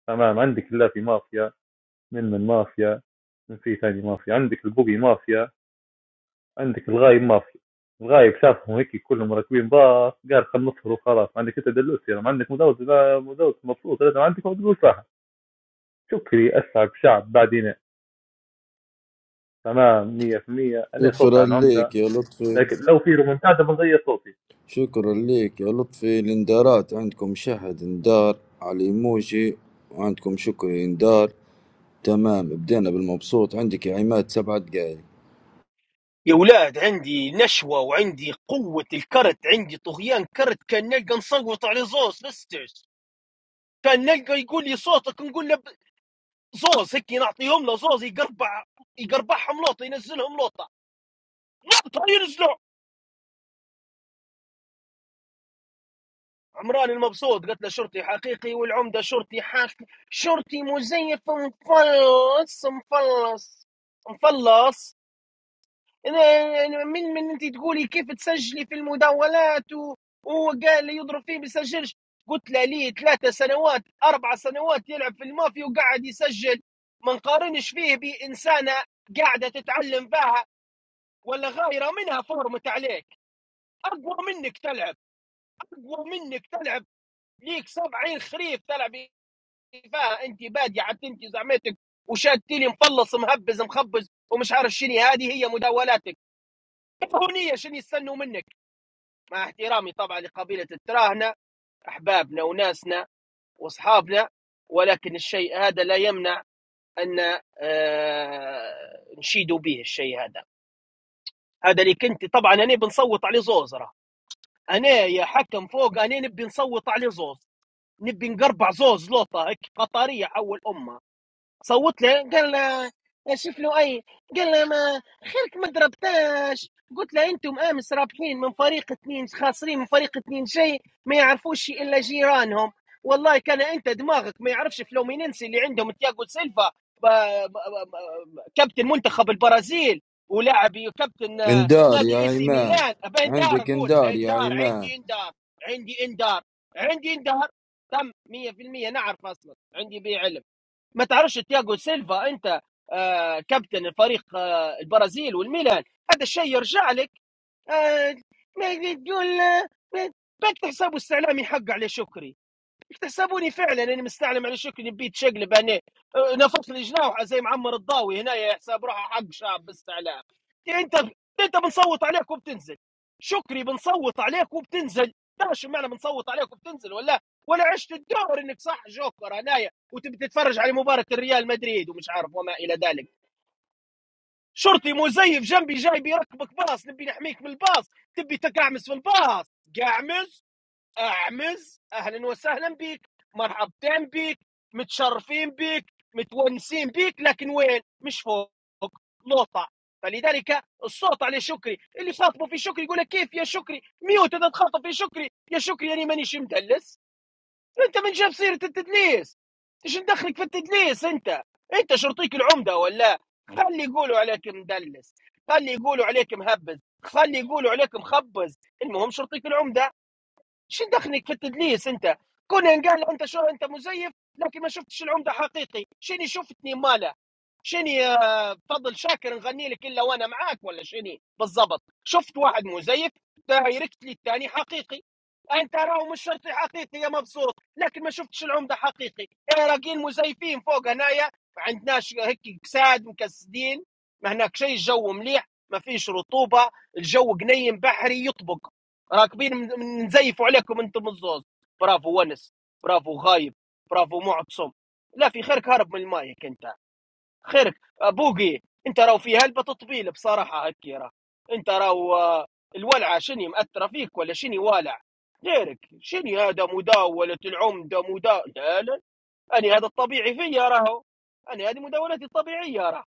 [SPEAKER 18] تمام عندك لا في مافيا من من مافيا من في ثاني مافيا عندك البوبي مافيا عندك الغايب مافيا الغايب شافهم هيك كلهم راكبين باص قال خلينا نصفر وخلاص عندك انت دلوسي ما عندك مدوز لا مدوز مبسوط لازم عندك مدوز صح. شكري أسعد شعب بعدينا تمام مية في المية أنا صوتي
[SPEAKER 11] شكرا
[SPEAKER 18] عن
[SPEAKER 11] لك
[SPEAKER 18] عمدة
[SPEAKER 11] يا لطفي
[SPEAKER 18] لكن لو في رومنتادا بنغير صوتي
[SPEAKER 11] شكرا لك يا لطفي الاندارات عندكم شهد اندار على الايموجي وعندكم شكري اندار تمام بدينا بالمبسوط عندك يا عماد سبع دقايق
[SPEAKER 7] يا ولاد عندي نشوة وعندي قوة الكرت عندي طغيان كرت كان نلقى نصوت على زوز لسترز كان نلقى يقول لي صوتك نقول له ب- زوز هيك نعطيهم له زوز يقربع يقربعهم لوطه ينزلهم لوطه لوطه ينزلوا عمران المبسوط قلت له شرطي حقيقي والعمدة شرطي حاكي شرطي مزيف مفلص مفلص مفلص أنا- من من انت تقولي كيف تسجلي في المداولات و- وقال لي يضرب فيه بيسجلش قلت له ليه ثلاثة سنوات أربع سنوات يلعب في المافيا وقاعد يسجل ما نقارنش فيه بإنسانة قاعدة تتعلم فيها ولا غايرة منها فورمة عليك أقوى منك تلعب أقوى منك تلعب ليك سبعين خريف تلعب فيها أنت بادية حتى أنت زعمتك وشادتي لي مفلص مهبز مخبز ومش عارف شنو هذه هي مداولاتك هونية شنو يستنوا منك مع احترامي طبعا لقبيلة التراهنة أحبابنا وناسنا وأصحابنا ولكن الشيء هذا لا يمنع أن آه، نشيدوا به الشيء هذا هذا اللي كنت طبعا أنا بنصوت عليه زوز راه أنا يا حكم فوق أنا نبي نصوت عليه زوز نبي نقربع زوز لوطة هيك قطرية حول أمها صوت له قال له شوف له اي قال له ما خيرك ما ضربتاش قلت له انتم امس رابحين من فريق اثنين خاسرين من فريق اثنين شيء ما يعرفوش شيء الا جيرانهم والله كان انت دماغك ما يعرفش فلومينينسي اللي عندهم تياغو سيلفا ب- ب- ب- ب- كابتن منتخب البرازيل ولاعب كابتن آه،
[SPEAKER 11] اندار يا
[SPEAKER 7] نادي اي سي
[SPEAKER 11] عماد
[SPEAKER 7] ميلان ابي اندار
[SPEAKER 11] عندك
[SPEAKER 7] اقول
[SPEAKER 11] اندار يا
[SPEAKER 7] اندار
[SPEAKER 11] عماد
[SPEAKER 7] عندي اندار عندي اندار عندي اندار تم 100% نعرف اصلا عندي بيع علم ما تعرفش تياغو سيلفا انت آه كابتن الفريق آه البرازيل والميلان هذا الشيء يرجع لك آه ما تقول آه، ما- بنك حسابه استعلامي حق عليه شكري اكتسبوني فعلا انا مستعلم على شكلي بيت شقلب انا أه، نفخ لي جناوحه زي معمر الضاوي هنا يحسب روحه حق شاب باستعلام انت انت بنصوت عليك وبتنزل شكري بنصوت عليك وبتنزل تعرف شو معنى بنصوت عليك وبتنزل ولا ولا عشت الدور انك صح جوكر هنايا وتبي تتفرج على مباراه الريال مدريد ومش عارف وما الى ذلك شرطي مزيف جنبي جاي بيركبك باص نبي نحميك من الباص تبي تقعمس في الباص قعمس اعمز اهلا وسهلا بيك مرحبتين بيك متشرفين بيك متونسين بيك لكن وين مش فوق لوطة فلذلك الصوت على شكري اللي خاطبه في شكري يقول لك كيف يا شكري ميوت اذا تخاطب في شكري يا شكري يعني مانيش مدلس انت من جاب سيره التدليس ايش ندخلك في التدليس انت انت شرطيك العمده ولا خلي يقولوا عليك مدلس خلي يقولوا عليك مهبز خلي يقولوا عليك مخبز المهم شرطيك العمده شو دخلك في التدليس انت كونان قال له انت شو انت مزيف لكن ما شفتش العمده حقيقي شني شفتني ماله شنو فضل شاكر نغني لك الا وانا معاك ولا شني بالضبط شفت واحد مزيف دايركت لي الثاني حقيقي انت راهو مش شرطي حقيقي يا مبسوط لكن ما شفتش العمده حقيقي راقين مزيفين فوق هنايا ما عندناش هيك كساد مكسدين ما هناك شيء الجو مليح ما فيش رطوبه الجو قنيم بحري يطبق راكبين من- من- نزيفوا عليكم انتم الزوز برافو ونس برافو غايب برافو معتصم لا في خيرك هرب من المايك انت خيرك بوقي انت راو في هلبة تطبيل بصراحة هكي راه انت راو آه، الولعة شني مأثرة فيك ولا شني والع غيرك شني هذا مداولة العمدة مدا لا لا أنا هذا الطبيعي فيا راهو أنا هذه مداولتي الطبيعية راه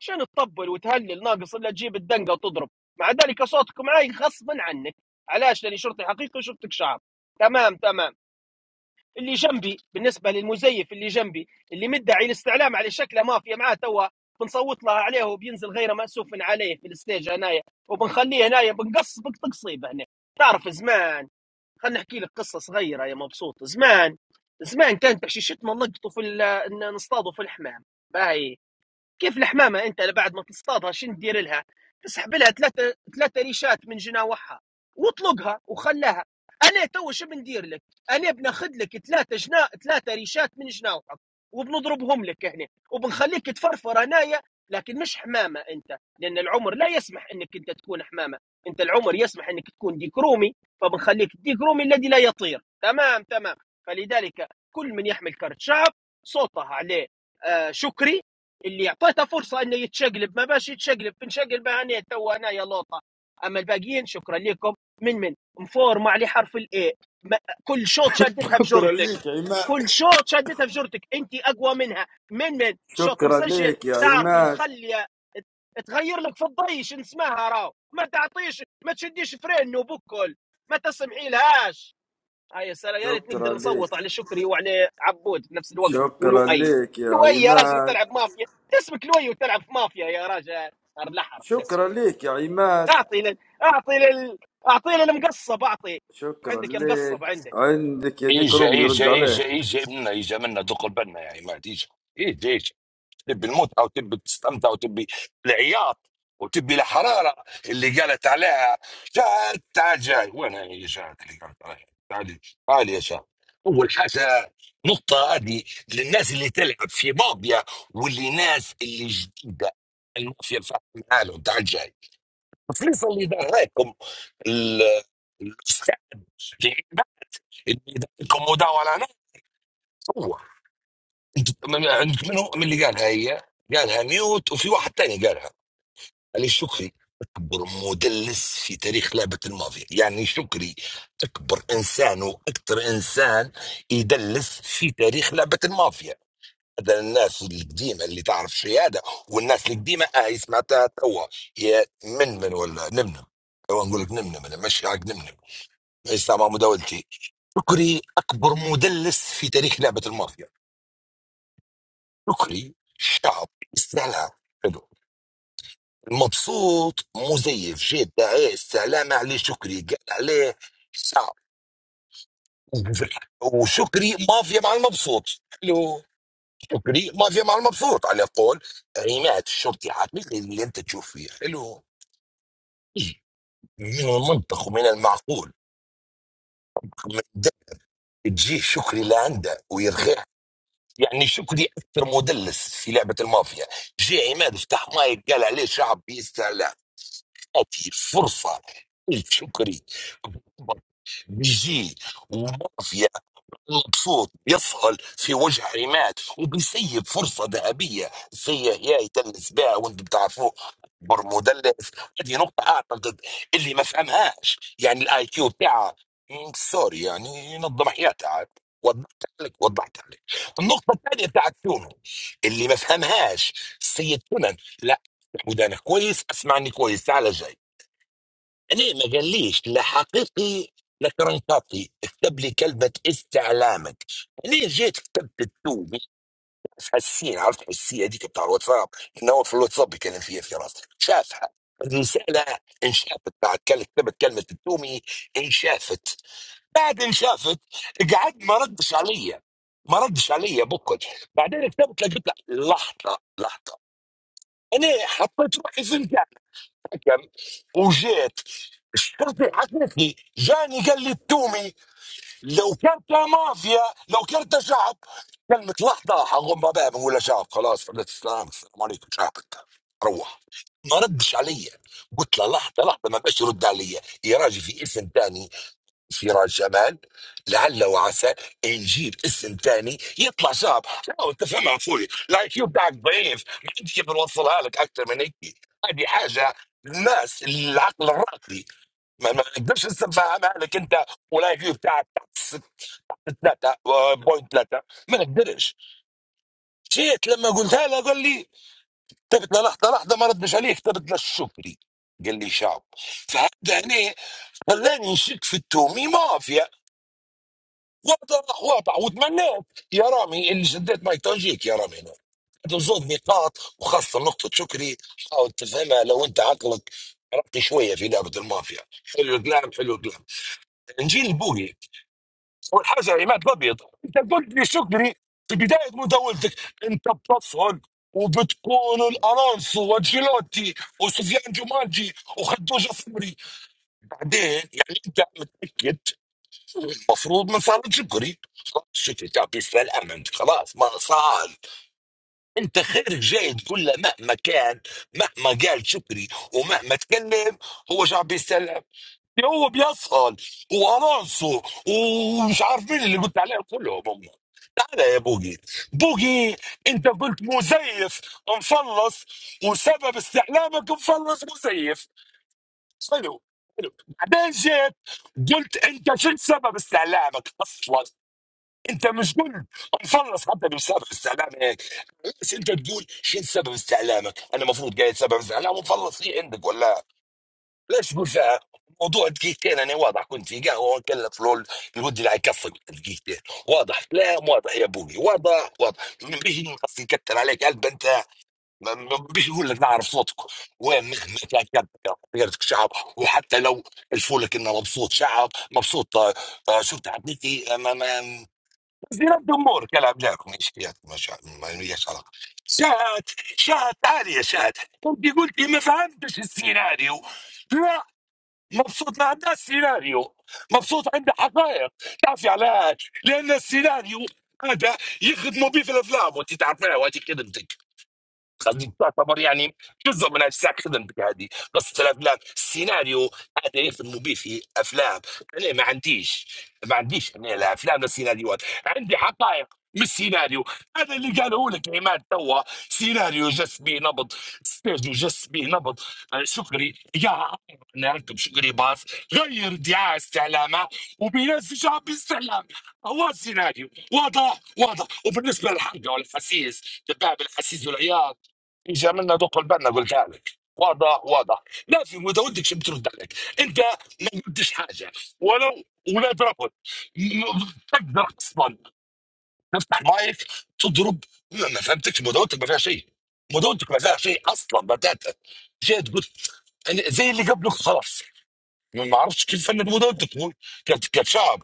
[SPEAKER 7] شنو تطبل وتهلل ناقص إلا تجيب الدنقة وتضرب مع ذلك صوتك معي غصبا عنك علاش لاني شرطي حقيقي وشرطك شعب تمام تمام اللي جنبي بالنسبه للمزيف اللي جنبي اللي مدعي الاستعلام على شكله مافيا معاه توا بنصوت له عليه وبينزل غير مأسوف عليه في الستيج هنايا وبنخليه هنايا بنقص بقصيبه هنا تعرف زمان خلينا نحكي لك قصه صغيره يا مبسوط زمان زمان كانت بحشيشتنا نلقطوا في ال- ن- نصطادوا في الحمام باهي كيف الحمامه انت بعد ما تصطادها شن تدير لها؟ تسحب لها ثلاثه ثلاثه ريشات من جناوحها واطلقها وخلاها انا تو شو بندير لك؟ انا بناخذ لك ثلاثه جنا ثلاثه ريشات من جناوحك وبنضربهم لك هنا وبنخليك تفرفر هنايا لكن مش حمامه انت لان العمر لا يسمح انك انت تكون حمامه انت العمر يسمح انك تكون ديكرومي فبنخليك الديكرومي الذي لا يطير تمام تمام فلذلك كل من يحمل كرت شعب صوتها عليه آه شكري اللي اعطيته فرصه انه يتشقلب ما باش يتشقلب بنشقلب انا تو انا يا لوطه اما الباقيين شكرا لكم من من مفورمة على حرف الاي كل شوط شدتها في
[SPEAKER 11] شكرا
[SPEAKER 7] جرتك
[SPEAKER 11] لك يا
[SPEAKER 7] كل
[SPEAKER 11] عماد
[SPEAKER 7] شوط شدتها في جرتك انت اقوى منها من من شوط
[SPEAKER 11] شكرا
[SPEAKER 7] مسجل
[SPEAKER 11] لك يا
[SPEAKER 7] تعرفي
[SPEAKER 11] عماد
[SPEAKER 7] مخليه تغير لك في الضيش نسمعها راو ما تعطيش ما تشديش فرين بكل ما تسمعي لهاش اه يا سلام يا ريت نقدر
[SPEAKER 11] شكرا لك
[SPEAKER 7] نصوت على شكري وعلى عبود في نفس الوقت
[SPEAKER 11] شكرا
[SPEAKER 7] ولؤي
[SPEAKER 11] لك يا
[SPEAKER 7] لؤي يا راجل
[SPEAKER 11] عماد
[SPEAKER 7] تلعب مافيا اسمك لؤي وتلعب في مافيا يا راجل الاحمر
[SPEAKER 11] شكرا
[SPEAKER 7] الاسود
[SPEAKER 11] لك يا عماد
[SPEAKER 7] اعطي لل... اعطي لل... اعطي للمقصب اعطي
[SPEAKER 11] شكرا
[SPEAKER 7] عندك يا مقصب
[SPEAKER 11] لك
[SPEAKER 7] عندك
[SPEAKER 11] عندك يا ديك
[SPEAKER 4] ايجا
[SPEAKER 11] روم يرد
[SPEAKER 4] ايجا ايجا
[SPEAKER 11] عليه
[SPEAKER 4] ايجا منا ايجا منا دق البنا يعني ما تيجي ايجا ايجا تبي الموت او تبي تستمتع وتبي العياط وتبي الحراره اللي قالت عليها شاد تعال جاي وين هي يا شاد اللي قالت عليها تعالي تعالي يا شاد اول حاجه نقطة هذه للناس اللي تلعب في مافيا واللي ناس اللي جديدة المافيا الفاتحة معاهم تعال جاي الفلوس اللي دراكم ال- الاستاذ لعيبة اللي دراكم مداولة أنا هو انت- من- عندك منو من اللي قالها هي قالها ميوت وفي واحد تاني قالها يعني شكري أكبر مدلس في تاريخ لعبة المافيا يعني شكري أكبر إنسان وأكثر إنسان يدلس في تاريخ لعبة المافيا هذا الناس القديمة اللي تعرف شهادة والناس القديمة آه سمعتها توا يا من من ولا نمنم توا نقول لك نمنم أنا مش حق نمنم ليس مع مداولتي شكري أكبر مدلس في تاريخ لعبة المافيا شكري شعب استعلاء مبسوط مزيف جدة ايه السلام عليه شكري قال عليه شعب وشكري مافيا مع المبسوط حلو شكري مافيا مع المبسوط على قول عماد الشرطي حقيقي اللي انت تشوف فيه حلو من المنطق ومن المعقول من ده تجيه شكري لعنده ويرخيه يعني شكري اكثر مدلس في لعبه المافيا جي عماد فتح مايك قال عليه شعب بيستهلك أعطي الفرصة الشكري بيجي ومافيا مبسوط يصهل في وجه عماد وبيسيب فرصة ذهبية سيء يا يدلس بها وانتم بتعرفوه اكبر مدلس هذه نقطة اعتقد اللي ما فهمهاش يعني الاي كيو تاعها مم، سوري يعني ينظم حياتها عاد وضحت لك وضحت لك النقطة الثانية بتاعت تونو اللي ما فهمهاش السيد تونن لا ودانك كويس اسمعني كويس تعال جاي ليه ما قاليش لا حقيقي لا كرنكاطي اكتب لي كلمة استعلامك ليه جيت كتبت التو حسين عرفت حسين هذيك بتاع الواتساب انه هو في الواتساب يكلم فيها في راسي شافها الرسالة انشافت بعد كل- كتبت كلمة التومي انشافت بعد انشافت قعد ما ردش عليا ما ردش عليا بكل بعدين كتبت لقيت له- لحظة لحظة انا حطيت روحي فهمت الحكم وجيت الشرطي حكتني جاني قال لي التومي لو كنت مافيا لو كنت شعب كلمة لحظة حغم بابا بقول له شعب خلاص فردت السلام السلام عليكم شعب انت روح ما ردش علي قلت له لحظة لحظة ما بقاش يرد علي يا راجل في اسم تاني فراس جمال لعل وعسى يجيب اسم ثاني يطلع شاب حاول تفهمها اخوي الاي كيو بتاعك ضعيف ما عندي كيف نوصلها لك اكثر من هيك هذه حاجه الناس العقل الراقي ما ما نقدرش نفهمها لك انت والاي كيو بتاعك تحت 3 بوينت 3 ما نقدرش جيت لما قلتها له قال لي كتبت له لحظه لحظه ما ردش عليه كتبت له شكري قال لي شاب فهذا هنا خلاني نشك في التومي مافيا واضح واضح وتمنيت يا رامي اللي شديت ما يتوجيك يا رامي هنا زود نقاط وخاصة نقطة شكري حاول تفهمها لو أنت عقلك رقي شوية في لعبة المافيا حلو الكلام حلو الكلام نجي لبوي أول حاجة عماد الأبيض أنت قلت لي شكري في بداية مداولتك أنت بتصهد وبتكون الألونسو وانشيلوتي وسفيان جومانجي وخدوجة صبري بعدين يعني أنت متأكد المفروض من صار شكري خلاص شكري تعطيه السلامة خلاص ما صار انت خيرك جاي تقول له مهما كان مهما قال شكري ومهما تكلم هو شعب بيستلم هو بيسهل والونسو ومش عارف مين اللي قلت عليهم كلهم هم تعال يا بوقي بوقي انت قلت مزيف مفلص وسبب استعلامك مفلص مزيف حلو حلو بعدين جيت قلت انت شو سبب استعلامك اصلا انت مش قلت نخلص حتى مش سبب استعلام هيك ليش انت تقول شو سبب استعلامك انا المفروض قايل سبب استعلام ومخلص هي عندك ولا ليش تقول فيها موضوع دقيقتين انا واضح كنت في قهوه وكلت فلول الود اللي حيكفك دقيقتين واضح كلام واضح يا ابوي واضح واضح ما بيجي قصدي يكتر عليك قلب انت ما ما بيجي يقول لك نعرف صوتك وين مخمك يا كلب غيرتك شعب وحتى لو الفولك انه مبسوط شعب مبسوط آه، آه، شو تعبنيتي زين الدمور كلام جاكم ايش ما شاء ما ليش علاقه شات شات عالية شات انت قلتي ما فهمتش السيناريو لا مبسوط ما عندها سيناريو مبسوط عندها حقائق تعرفي علاش لان السيناريو هذا يخدموا به في الافلام وانت تعرفيها وهذه كلمتك خليك تعتبر يعني جزء من اجزاء خدمتك هذه قصه الافلام السيناريو هذا يفهموا به في افلام انا ما عنديش ما عنديش انا لا افلام لا سيناريوهات عندي حقائق مش سيناريو هذا اللي قاله لك عماد توا سيناريو جس بي نبض ستيج جس بي نبض آه، شكري يا عم، نركب شكري باص غير دعايه استعلامه وبينزل شعب استعلام هو سيناريو واضح واضح وبالنسبه للحرقه والحسيس دباب الحسيس والعياط يجي عملنا دق البنا قلتها لك واضح واضح لا في ما ودكش بترد عليك انت ما قلتش حاجه ولو ولا ترفض م- تقدر اصلا تفتح مايك تضرب ما ما فهمتكش مداولتك ما فيها شيء مداولتك ما فيها شيء اصلا بتاتا جيت قلت أنا زي اللي قبلك خلاص ما ما عرفتش كيف فند مداولتك مو- كت- كشعب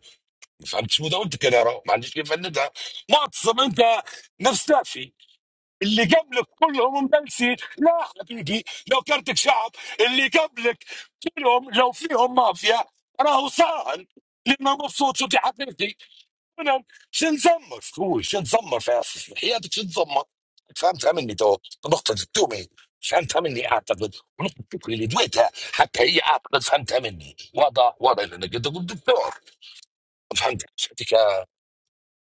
[SPEAKER 4] ما فهمتش مداولتك انا راه ما عنديش كيف فندها معتصم انت نفس دافي اللي قبلك كلهم مبلسي لا حبيبي لو كرتك شعب اللي قبلك كلهم لو فيهم مافيا راهو ساهل لما مبسوط شو حقيقتي انا شو نزمر هو شو نزمر في في حياتك شو نزمر فهمتها مني تو نقطة التومي فهمتها مني اعتقد ونقطة التومي اللي دويتها حتى هي اعتقد فهمتها مني واضح واضح لانك انت قلت دكتور فهمت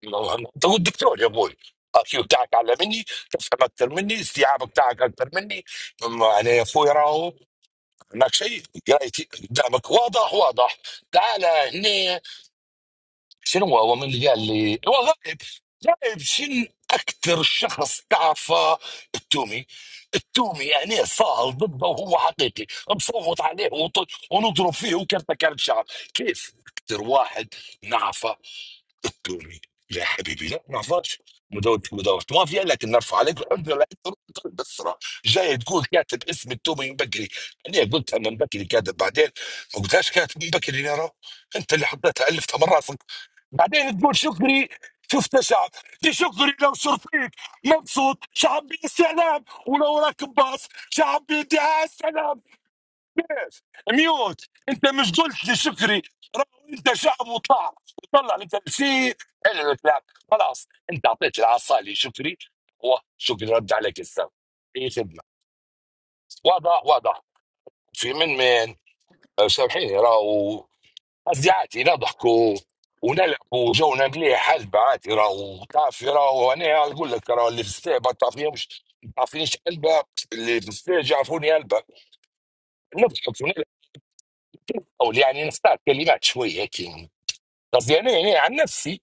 [SPEAKER 4] والله انت هو الدكتور يا ابوي الاكيو بتاعك اعلى مني تفهم اكثر مني استيعابك بتاعك اكثر مني م- يعني يا اخوي راهو هناك شيء قرايتي قدامك واضح واضح تعال هنا شنو هو من اللي قال لي وظائف غايب شن اكثر شخص تعرفه التومي التومي يعني صاهل ضده وهو حقيقي نصوت عليه وط- ونضرب فيه وكرته كانت شعر كيف اكثر واحد نعرفه التوني يا حبيبي لا ما نعرفهاش مداولة مداولة مافيا لكن نرفع عليك الحجة لا ترد بالسرعة جاي تقول كاتب اسم التومي من بكري أنا قلت أنا من بكري كاتب بعدين ما قلتهاش كاتب من بكري يا رو أنت اللي حطيتها ألفتها من راسك بعدين تقول شكري شفت شعب دي شكري لو شرفيك مبسوط شعب بيدعي السلام ولو راكب باص شعب بيدعي السلام كيف ميوت انت مش قلت لي شكري رغم انت شعب وطلع وطلع لي تمثيل حلو الكلام خلاص انت اعطيت العصا لي شكري هو شكري رد عليك السلام اي خدمه واضح واضح في من من لو سامحيني راهو قصدي عادي نضحكوا ونلعبوا جونا مليح حلبة عادي راهو تعرفي راهو انا اقول لك راهو اللي في الستيج ما تعرفيهمش ما تعرفينيش قلبة اللي في الستيج يعرفوني قلبة نضحك ونلعب او يعني نختار كلمات شويه هيك قصدي انا يعني عن نفسي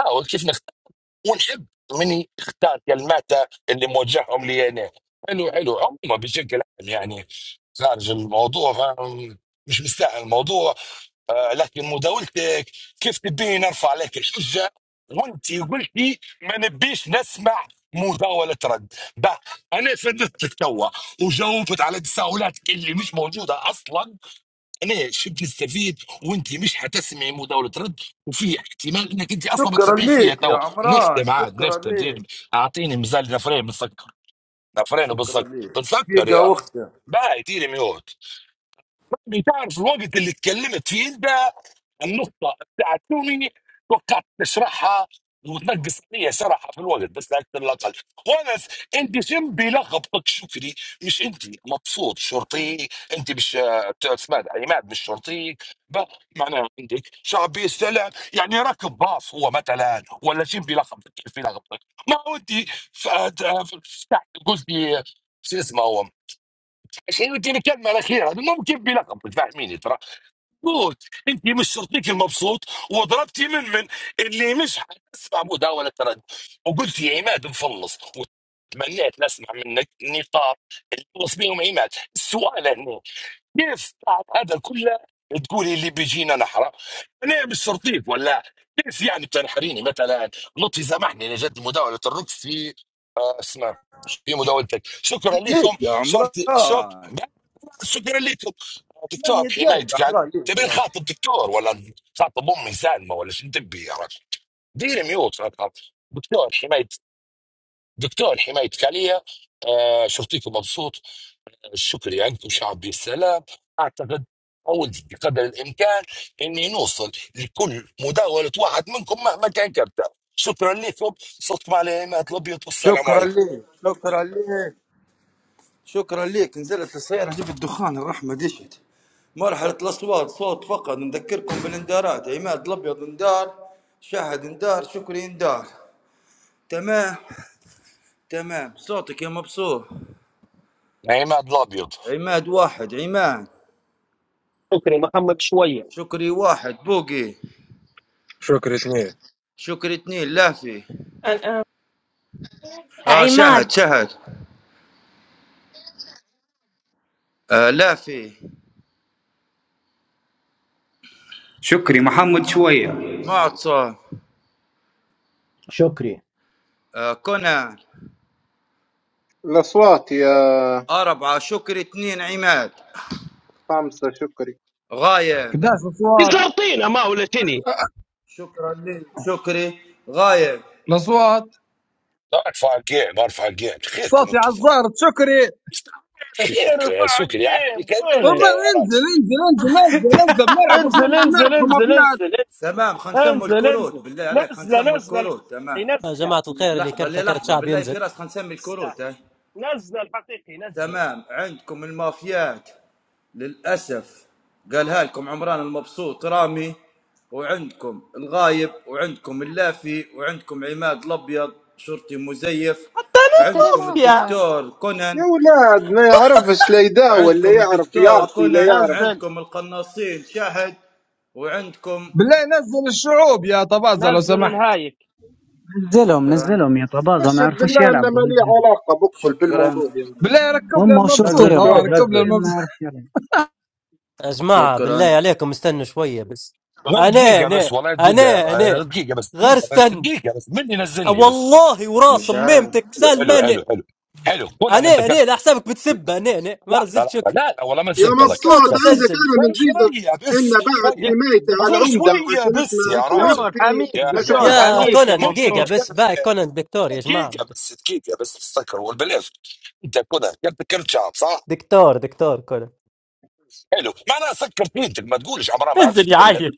[SPEAKER 4] احاول كيف نختار ونحب مني اختار كلمات اللي موجههم لي انا حلو حلو عموما بشكل عام يعني خارج الموضوع فاهم؟ مش مستاهل الموضوع آه لكن مداولتك كيف تبيني نرفع عليك الحجه وانت قلتي ما نبيش نسمع مداولة رد بقى أنا فندت لك توا وجاوبت على تساؤلاتك اللي مش موجودة أصلا ليش بنستفيد وانت مش حتسمعي مداوله رد وفي احتمال انك انت اصلا ما
[SPEAKER 11] شكرا
[SPEAKER 4] تسمعيش فيها
[SPEAKER 11] لك يا
[SPEAKER 4] توا
[SPEAKER 11] عمران
[SPEAKER 4] نختم عاد
[SPEAKER 11] شكرا
[SPEAKER 4] نختم
[SPEAKER 11] لك
[SPEAKER 4] دير اعطيني مزال نفرين بنسكر نفرين
[SPEAKER 11] شكرا
[SPEAKER 4] وبنسكر
[SPEAKER 11] لك
[SPEAKER 4] بنسكر يا
[SPEAKER 11] دقيقة أختك
[SPEAKER 4] باي ديري ميوت ربي تعرف الوقت اللي تكلمت فيه انت النقطه بتاعت تومي توقعت تشرحها وتنقص لي شرحها في الوقت بس لا اكثر لا اقل وانس انت شم بلقبك شكري مش انت مبسوط شرطي انت مش آه، اسمها ده، عماد مش شرطي ب- معناها عندك شعبي استلع يعني راكب باص هو مثلا ولا شم بلقبك كيف بلقبك ما هو انت ف- آه، فتحت قلتي شو اسمه هو شنو دي الكلمه الاخيره ممكن بلقبك فاهميني ترى مبسوط انت مش شرطيك المبسوط وضربتي من من اللي مش حتسمع مداولة تردد وقلت يا عماد مفلص وتمنيت نسمع منك نقاط اللي خلص بيهم عماد السؤال هنا كيف بعد هذا كله تقولي اللي بيجينا نحرة انا مش شرطيك ولا كيف يعني بتنحريني مثلا لطفي سامحني انا جد مداولة الركض في آه، اسمها في مداولتك شكرا لكم
[SPEAKER 11] ليك يا
[SPEAKER 4] صرت شك
[SPEAKER 11] عمران
[SPEAKER 4] شكرا لكم دكتور
[SPEAKER 11] ثمانية دقايق يا
[SPEAKER 4] حمايتك قاعد
[SPEAKER 11] عمران ليك
[SPEAKER 4] تبين
[SPEAKER 11] راه.
[SPEAKER 4] خاطب دكتور ولا خاطب امي سالمه ولا شو تبي يا رجل ديري ميوت يا رجل. دكتور حمايت دكتور حمايتك عليا آه شفتيكم مبسوط شكري عندكم شعبي السلام اعتقد اول قدر الامكان اني نوصل لكل مداوله واحد منكم مهما كان كبتة شكرا لكم صدق مع العماد الابيض والسلام
[SPEAKER 11] شكرا
[SPEAKER 4] عليكم
[SPEAKER 11] لك شكرا لك شكرا ليك نزلت السيارة جبت دخان الرحمة دشت مرحلة الأصوات صوت فقط نذكركم بالاندارات عماد الأبيض اندار شهد اندار شكري اندار تمام تمام صوتك يا مبسوط
[SPEAKER 4] عماد الابيض
[SPEAKER 11] عماد واحد عماد
[SPEAKER 7] شكري محمد شويه
[SPEAKER 11] شكري واحد بوقي
[SPEAKER 2] شكرا اثنين
[SPEAKER 11] شكري اثنين لافي
[SPEAKER 3] أنا
[SPEAKER 11] آه
[SPEAKER 3] عماد
[SPEAKER 11] شهد شهد آه لافي
[SPEAKER 5] شكري محمد شوية
[SPEAKER 11] معتصم
[SPEAKER 12] شكري
[SPEAKER 11] آه كونان
[SPEAKER 13] الاصوات يا
[SPEAKER 11] أربعة شكري اثنين عماد
[SPEAKER 13] خمسه شكري
[SPEAKER 11] غايب
[SPEAKER 8] 11 اصوات
[SPEAKER 10] يسرطينا ما ولا شني
[SPEAKER 11] شكرا لك شكري غايب
[SPEAKER 8] الاصوات
[SPEAKER 4] لا ارفع الكيع ما ارفع الكيع خيركم
[SPEAKER 8] صوتي على
[SPEAKER 4] انتم طب.
[SPEAKER 8] الزهر شكري
[SPEAKER 4] خيرك يا
[SPEAKER 7] ارفع
[SPEAKER 4] سكري عادي
[SPEAKER 7] الجيم
[SPEAKER 4] كملت
[SPEAKER 8] طب
[SPEAKER 4] يا
[SPEAKER 7] فينك
[SPEAKER 8] انزل
[SPEAKER 4] راجل
[SPEAKER 8] انزل انزل نزل نزل بنلعب وإحنا
[SPEAKER 7] انزل
[SPEAKER 8] نبغى
[SPEAKER 7] انزل
[SPEAKER 8] نربح ما
[SPEAKER 7] انزل
[SPEAKER 8] فيها
[SPEAKER 7] انزل انزل
[SPEAKER 11] تمام خلينا نسموا
[SPEAKER 7] انزل
[SPEAKER 11] الكروت
[SPEAKER 7] انزل
[SPEAKER 11] بالله عليك خلينا نسموا الكروت تمام
[SPEAKER 1] يا
[SPEAKER 7] نزله
[SPEAKER 1] جماعة الخير اللي
[SPEAKER 11] لحظة
[SPEAKER 1] كرت كرت
[SPEAKER 11] للحظة
[SPEAKER 1] شعب
[SPEAKER 11] بالله في
[SPEAKER 1] ينزل
[SPEAKER 11] راس خلينا نسمي الكروت هاي
[SPEAKER 7] نزله الحقيقي نزله نزله نزله الحقيقي نزله
[SPEAKER 11] تمام عندكم المافيات للأسف قالها لكم عمران المبسوط رامي وعندكم الغايب وعندكم اللافي وعندكم عماد الأبيض شرطي مزيف
[SPEAKER 16] حتى راه
[SPEAKER 11] عندكم
[SPEAKER 16] ما
[SPEAKER 3] مافيا
[SPEAKER 16] فيها
[SPEAKER 11] الدكتور كونان
[SPEAKER 13] يا ولاد ما يعرفش لا يداول لا
[SPEAKER 11] عندكم
[SPEAKER 13] يعرف
[SPEAKER 11] الدكتور
[SPEAKER 13] يعطي لا
[SPEAKER 11] كونان
[SPEAKER 13] يعرف
[SPEAKER 7] نزل
[SPEAKER 11] عندكم القناصين شاهد وعندكم
[SPEAKER 8] بالله نزل الشعوب يا طبازة لو
[SPEAKER 7] نزل
[SPEAKER 8] سمحت
[SPEAKER 7] الهايك
[SPEAKER 15] نزلهم
[SPEAKER 11] شكرا
[SPEAKER 15] نزلهم يا طبازه ما
[SPEAKER 13] يشهد
[SPEAKER 15] يعرفوش
[SPEAKER 13] بالله ان
[SPEAKER 15] يلعبوا
[SPEAKER 13] ما لي
[SPEAKER 15] نزلهم
[SPEAKER 13] علاقه بكل
[SPEAKER 11] شكرا
[SPEAKER 13] بالموضوع يا ولد.
[SPEAKER 8] بالله ركب لي
[SPEAKER 15] هم
[SPEAKER 8] المبسوط
[SPEAKER 18] نزل
[SPEAKER 15] وشرطيهم
[SPEAKER 8] اه
[SPEAKER 18] شعوب
[SPEAKER 15] حتى
[SPEAKER 8] ركب لي
[SPEAKER 18] نزل
[SPEAKER 15] شرطيهم ما
[SPEAKER 8] المبسوط
[SPEAKER 15] يعرفش يلعب
[SPEAKER 1] يا جماعة بالله
[SPEAKER 11] شكرا
[SPEAKER 1] عليكم استنوا شوية بس
[SPEAKER 4] غير
[SPEAKER 1] انا
[SPEAKER 4] دقيقة
[SPEAKER 1] انا
[SPEAKER 4] بس والله دقيقة
[SPEAKER 1] انا
[SPEAKER 4] يا-
[SPEAKER 1] انا
[SPEAKER 4] غير دقيقة بس
[SPEAKER 1] غير
[SPEAKER 4] دقيقة بس
[SPEAKER 1] استنى
[SPEAKER 4] دقيقة بس مني نزلني بس
[SPEAKER 1] والله
[SPEAKER 11] 你
[SPEAKER 1] وراس
[SPEAKER 11] 先。
[SPEAKER 1] ميمتك
[SPEAKER 11] 阿
[SPEAKER 4] حلو حلو
[SPEAKER 1] سلمان
[SPEAKER 4] حلو حلو حلو كون
[SPEAKER 1] انا
[SPEAKER 4] انا ذكرت
[SPEAKER 1] انا لا حسابك بتسب انا انا ما
[SPEAKER 4] لحظة
[SPEAKER 1] نزلت
[SPEAKER 4] لحظة
[SPEAKER 1] شكر
[SPEAKER 4] لا لا والله ما
[SPEAKER 13] يا
[SPEAKER 4] نسب الله كرت
[SPEAKER 1] الصوت
[SPEAKER 13] مبسوط
[SPEAKER 4] كرت
[SPEAKER 13] عندك
[SPEAKER 1] مسجل
[SPEAKER 13] انا من
[SPEAKER 4] غير
[SPEAKER 13] زيدك
[SPEAKER 4] شوية
[SPEAKER 13] ان
[SPEAKER 4] بس
[SPEAKER 13] بعد
[SPEAKER 4] شوية
[SPEAKER 7] دك
[SPEAKER 13] حمايتي
[SPEAKER 7] دك
[SPEAKER 13] على
[SPEAKER 4] غير
[SPEAKER 13] العمده
[SPEAKER 4] شوية
[SPEAKER 13] عشان
[SPEAKER 4] بس
[SPEAKER 13] اسمه
[SPEAKER 4] يا راجل
[SPEAKER 7] دكتور
[SPEAKER 13] ونفسي
[SPEAKER 7] حميك
[SPEAKER 4] يا لا
[SPEAKER 13] ما
[SPEAKER 4] اله
[SPEAKER 7] دكتور
[SPEAKER 13] شفتكش
[SPEAKER 4] الا
[SPEAKER 1] يا
[SPEAKER 4] الله
[SPEAKER 7] حميك
[SPEAKER 13] حقيقة
[SPEAKER 7] يا
[SPEAKER 1] كونان
[SPEAKER 4] ممكن
[SPEAKER 1] دقيقة
[SPEAKER 7] مبسوط
[SPEAKER 4] نتكلم
[SPEAKER 1] بس باي كونان دكتور يا جماعة
[SPEAKER 4] دقيقة بس دقيقة بس تسكر والبلاش انت كذا كرت كرت شعب صح؟
[SPEAKER 1] دكتور دكتور كونان
[SPEAKER 4] حلو معناها سكر بيتك ما تقولش عمرها ما عادش
[SPEAKER 1] انزل يا
[SPEAKER 4] يتكلم
[SPEAKER 1] عيل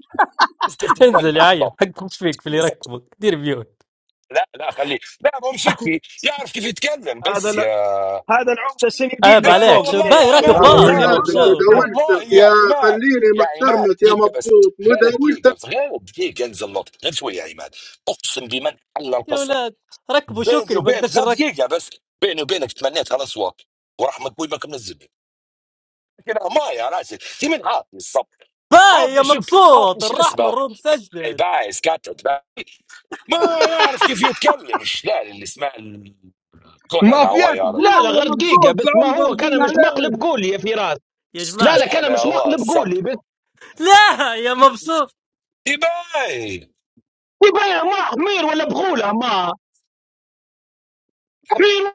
[SPEAKER 4] بس كيف تتكلم
[SPEAKER 1] انزل يا عيل
[SPEAKER 4] بالضبط
[SPEAKER 1] حق مش فيك في
[SPEAKER 4] خلي
[SPEAKER 1] اللي
[SPEAKER 4] سكر
[SPEAKER 1] يركبك دير بيوت
[SPEAKER 4] لا لا خليه لا ما هو مش هيك يعرف كيف يتكلم
[SPEAKER 7] هذا
[SPEAKER 4] بس
[SPEAKER 7] الع...
[SPEAKER 4] يا
[SPEAKER 7] هذا العمده
[SPEAKER 1] عيب
[SPEAKER 7] سندين لك
[SPEAKER 4] لا
[SPEAKER 1] عليك
[SPEAKER 7] فوق
[SPEAKER 1] شو
[SPEAKER 7] هنا
[SPEAKER 4] والله
[SPEAKER 7] يا
[SPEAKER 1] باي
[SPEAKER 4] يا
[SPEAKER 13] يا
[SPEAKER 1] راكب
[SPEAKER 4] عماد
[SPEAKER 7] حلو
[SPEAKER 4] ما
[SPEAKER 11] 肯
[SPEAKER 13] بني
[SPEAKER 1] باص
[SPEAKER 11] 尼
[SPEAKER 1] يا
[SPEAKER 11] 毛
[SPEAKER 4] صارت
[SPEAKER 11] 皮
[SPEAKER 13] ادم
[SPEAKER 11] 尔
[SPEAKER 1] مبسوط
[SPEAKER 11] 斯，
[SPEAKER 4] والله
[SPEAKER 13] مداولتك
[SPEAKER 4] يا
[SPEAKER 13] يا
[SPEAKER 4] عماد
[SPEAKER 13] خليني
[SPEAKER 4] يا عماد
[SPEAKER 13] محترمك يا
[SPEAKER 4] دقيقة بس
[SPEAKER 13] مبسوط
[SPEAKER 4] غير
[SPEAKER 13] مداولتك
[SPEAKER 4] دقيقة بس غير دقيقة انزل نط غير شوية يا عماد اقسم بمن حل
[SPEAKER 1] يا
[SPEAKER 4] القصر
[SPEAKER 1] ولاد ركبوا
[SPEAKER 4] بيني
[SPEAKER 1] شكري ما
[SPEAKER 4] وبينك
[SPEAKER 1] اقدرش
[SPEAKER 4] غير
[SPEAKER 1] اركب
[SPEAKER 4] دقيقة بس بيني وبينك تمنيت خلاص واقف ورحمة ابوي ما كان منزلني كده ما يا راشد في من عاطني الصبر
[SPEAKER 1] باي يا
[SPEAKER 4] عاطني شو عاطني
[SPEAKER 1] مبسوط
[SPEAKER 4] شو
[SPEAKER 1] الرحمة
[SPEAKER 4] اسمه
[SPEAKER 1] الروم
[SPEAKER 4] اي
[SPEAKER 1] مسجل
[SPEAKER 4] باعث كتت باعث. ما يعرف كيف يتكلم الشلال اللي اسمه كونان هو
[SPEAKER 8] المافيات
[SPEAKER 4] يا رجل
[SPEAKER 10] لا
[SPEAKER 8] الجوال
[SPEAKER 10] لا
[SPEAKER 8] يا
[SPEAKER 10] غير دقيقه
[SPEAKER 8] مبسوط
[SPEAKER 10] بس ما
[SPEAKER 8] العمدة
[SPEAKER 10] هو
[SPEAKER 8] رزين
[SPEAKER 10] كان مش
[SPEAKER 8] عليه
[SPEAKER 10] مقلب قولي يا فراس
[SPEAKER 1] يا
[SPEAKER 10] لا
[SPEAKER 1] جماعة
[SPEAKER 10] لا
[SPEAKER 4] شلال
[SPEAKER 10] كان مش
[SPEAKER 4] هو
[SPEAKER 10] مقلب
[SPEAKER 4] الصبر
[SPEAKER 10] قولي بس
[SPEAKER 1] لا يا مبسوط
[SPEAKER 4] يباي
[SPEAKER 10] يبين ما حمير ولا بغوله ما حمير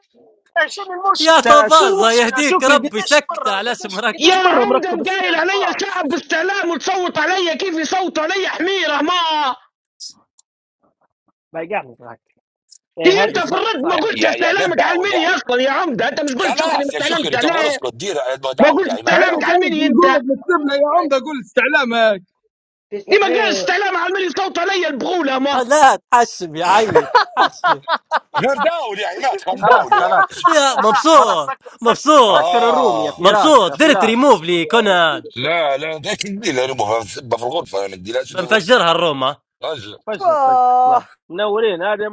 [SPEAKER 7] إيه، شنو
[SPEAKER 1] يا
[SPEAKER 7] المشكله شنو
[SPEAKER 1] طبازة
[SPEAKER 7] المشكله
[SPEAKER 1] يهديك
[SPEAKER 7] شكري
[SPEAKER 1] ربي
[SPEAKER 7] قديش
[SPEAKER 1] سكت
[SPEAKER 7] مره
[SPEAKER 1] على اسم
[SPEAKER 7] قديش
[SPEAKER 1] ركب
[SPEAKER 10] يا
[SPEAKER 7] قديش مره مركب
[SPEAKER 10] عمدة قايل
[SPEAKER 7] الستيج
[SPEAKER 10] علي
[SPEAKER 7] باص
[SPEAKER 10] الشعب بالسلام وتصوت علي كيف يصوتوا علي حميرة ما
[SPEAKER 7] بايقعني معك
[SPEAKER 10] هي
[SPEAKER 7] ايه
[SPEAKER 10] انت
[SPEAKER 1] يا
[SPEAKER 7] هذه
[SPEAKER 10] في
[SPEAKER 1] جماعة
[SPEAKER 7] صح
[SPEAKER 10] الرد ما
[SPEAKER 7] صعبه
[SPEAKER 10] قلت
[SPEAKER 4] يا
[SPEAKER 7] شوي
[SPEAKER 4] يا غير
[SPEAKER 10] استعلامك على
[SPEAKER 4] داول يا
[SPEAKER 10] المني اصلا
[SPEAKER 4] عماد
[SPEAKER 10] يا عمدة انت مش قلت شكري ما
[SPEAKER 4] خلاص يا
[SPEAKER 10] استعلمت
[SPEAKER 4] شكري تقول
[SPEAKER 10] عليه
[SPEAKER 4] اسكت دير
[SPEAKER 10] ما
[SPEAKER 4] داول يا
[SPEAKER 10] قلت
[SPEAKER 4] عماد
[SPEAKER 10] استعلامك
[SPEAKER 8] عندك
[SPEAKER 4] داول
[SPEAKER 10] على
[SPEAKER 8] ألف في
[SPEAKER 10] المني انت
[SPEAKER 8] القلوب نكتب له يا عمدة قول استعلام
[SPEAKER 10] ليه ما قلت
[SPEAKER 7] ايه
[SPEAKER 10] استعلام على المني صوت علي البغولة
[SPEAKER 1] آه،
[SPEAKER 10] ما
[SPEAKER 1] لا تحشم يا عيل تحشم
[SPEAKER 4] غير داول يا عماد كان
[SPEAKER 7] خلاص
[SPEAKER 4] داول يا
[SPEAKER 7] خلاص
[SPEAKER 4] رجل
[SPEAKER 1] يا
[SPEAKER 7] خلاص خلاص
[SPEAKER 1] مبسوط
[SPEAKER 7] سكر سكر,
[SPEAKER 1] مبسوط
[SPEAKER 7] سكر الروم يا
[SPEAKER 4] اه
[SPEAKER 7] فراس
[SPEAKER 1] مبسوط
[SPEAKER 7] يا
[SPEAKER 1] درت
[SPEAKER 7] فراس
[SPEAKER 1] ريموف لكونان
[SPEAKER 4] لا لا ده كبير يرموها في الغرفه انا ما تديلهاش اليوم
[SPEAKER 1] بنفجرها الروم
[SPEAKER 7] فجر فجر لا منورين هذا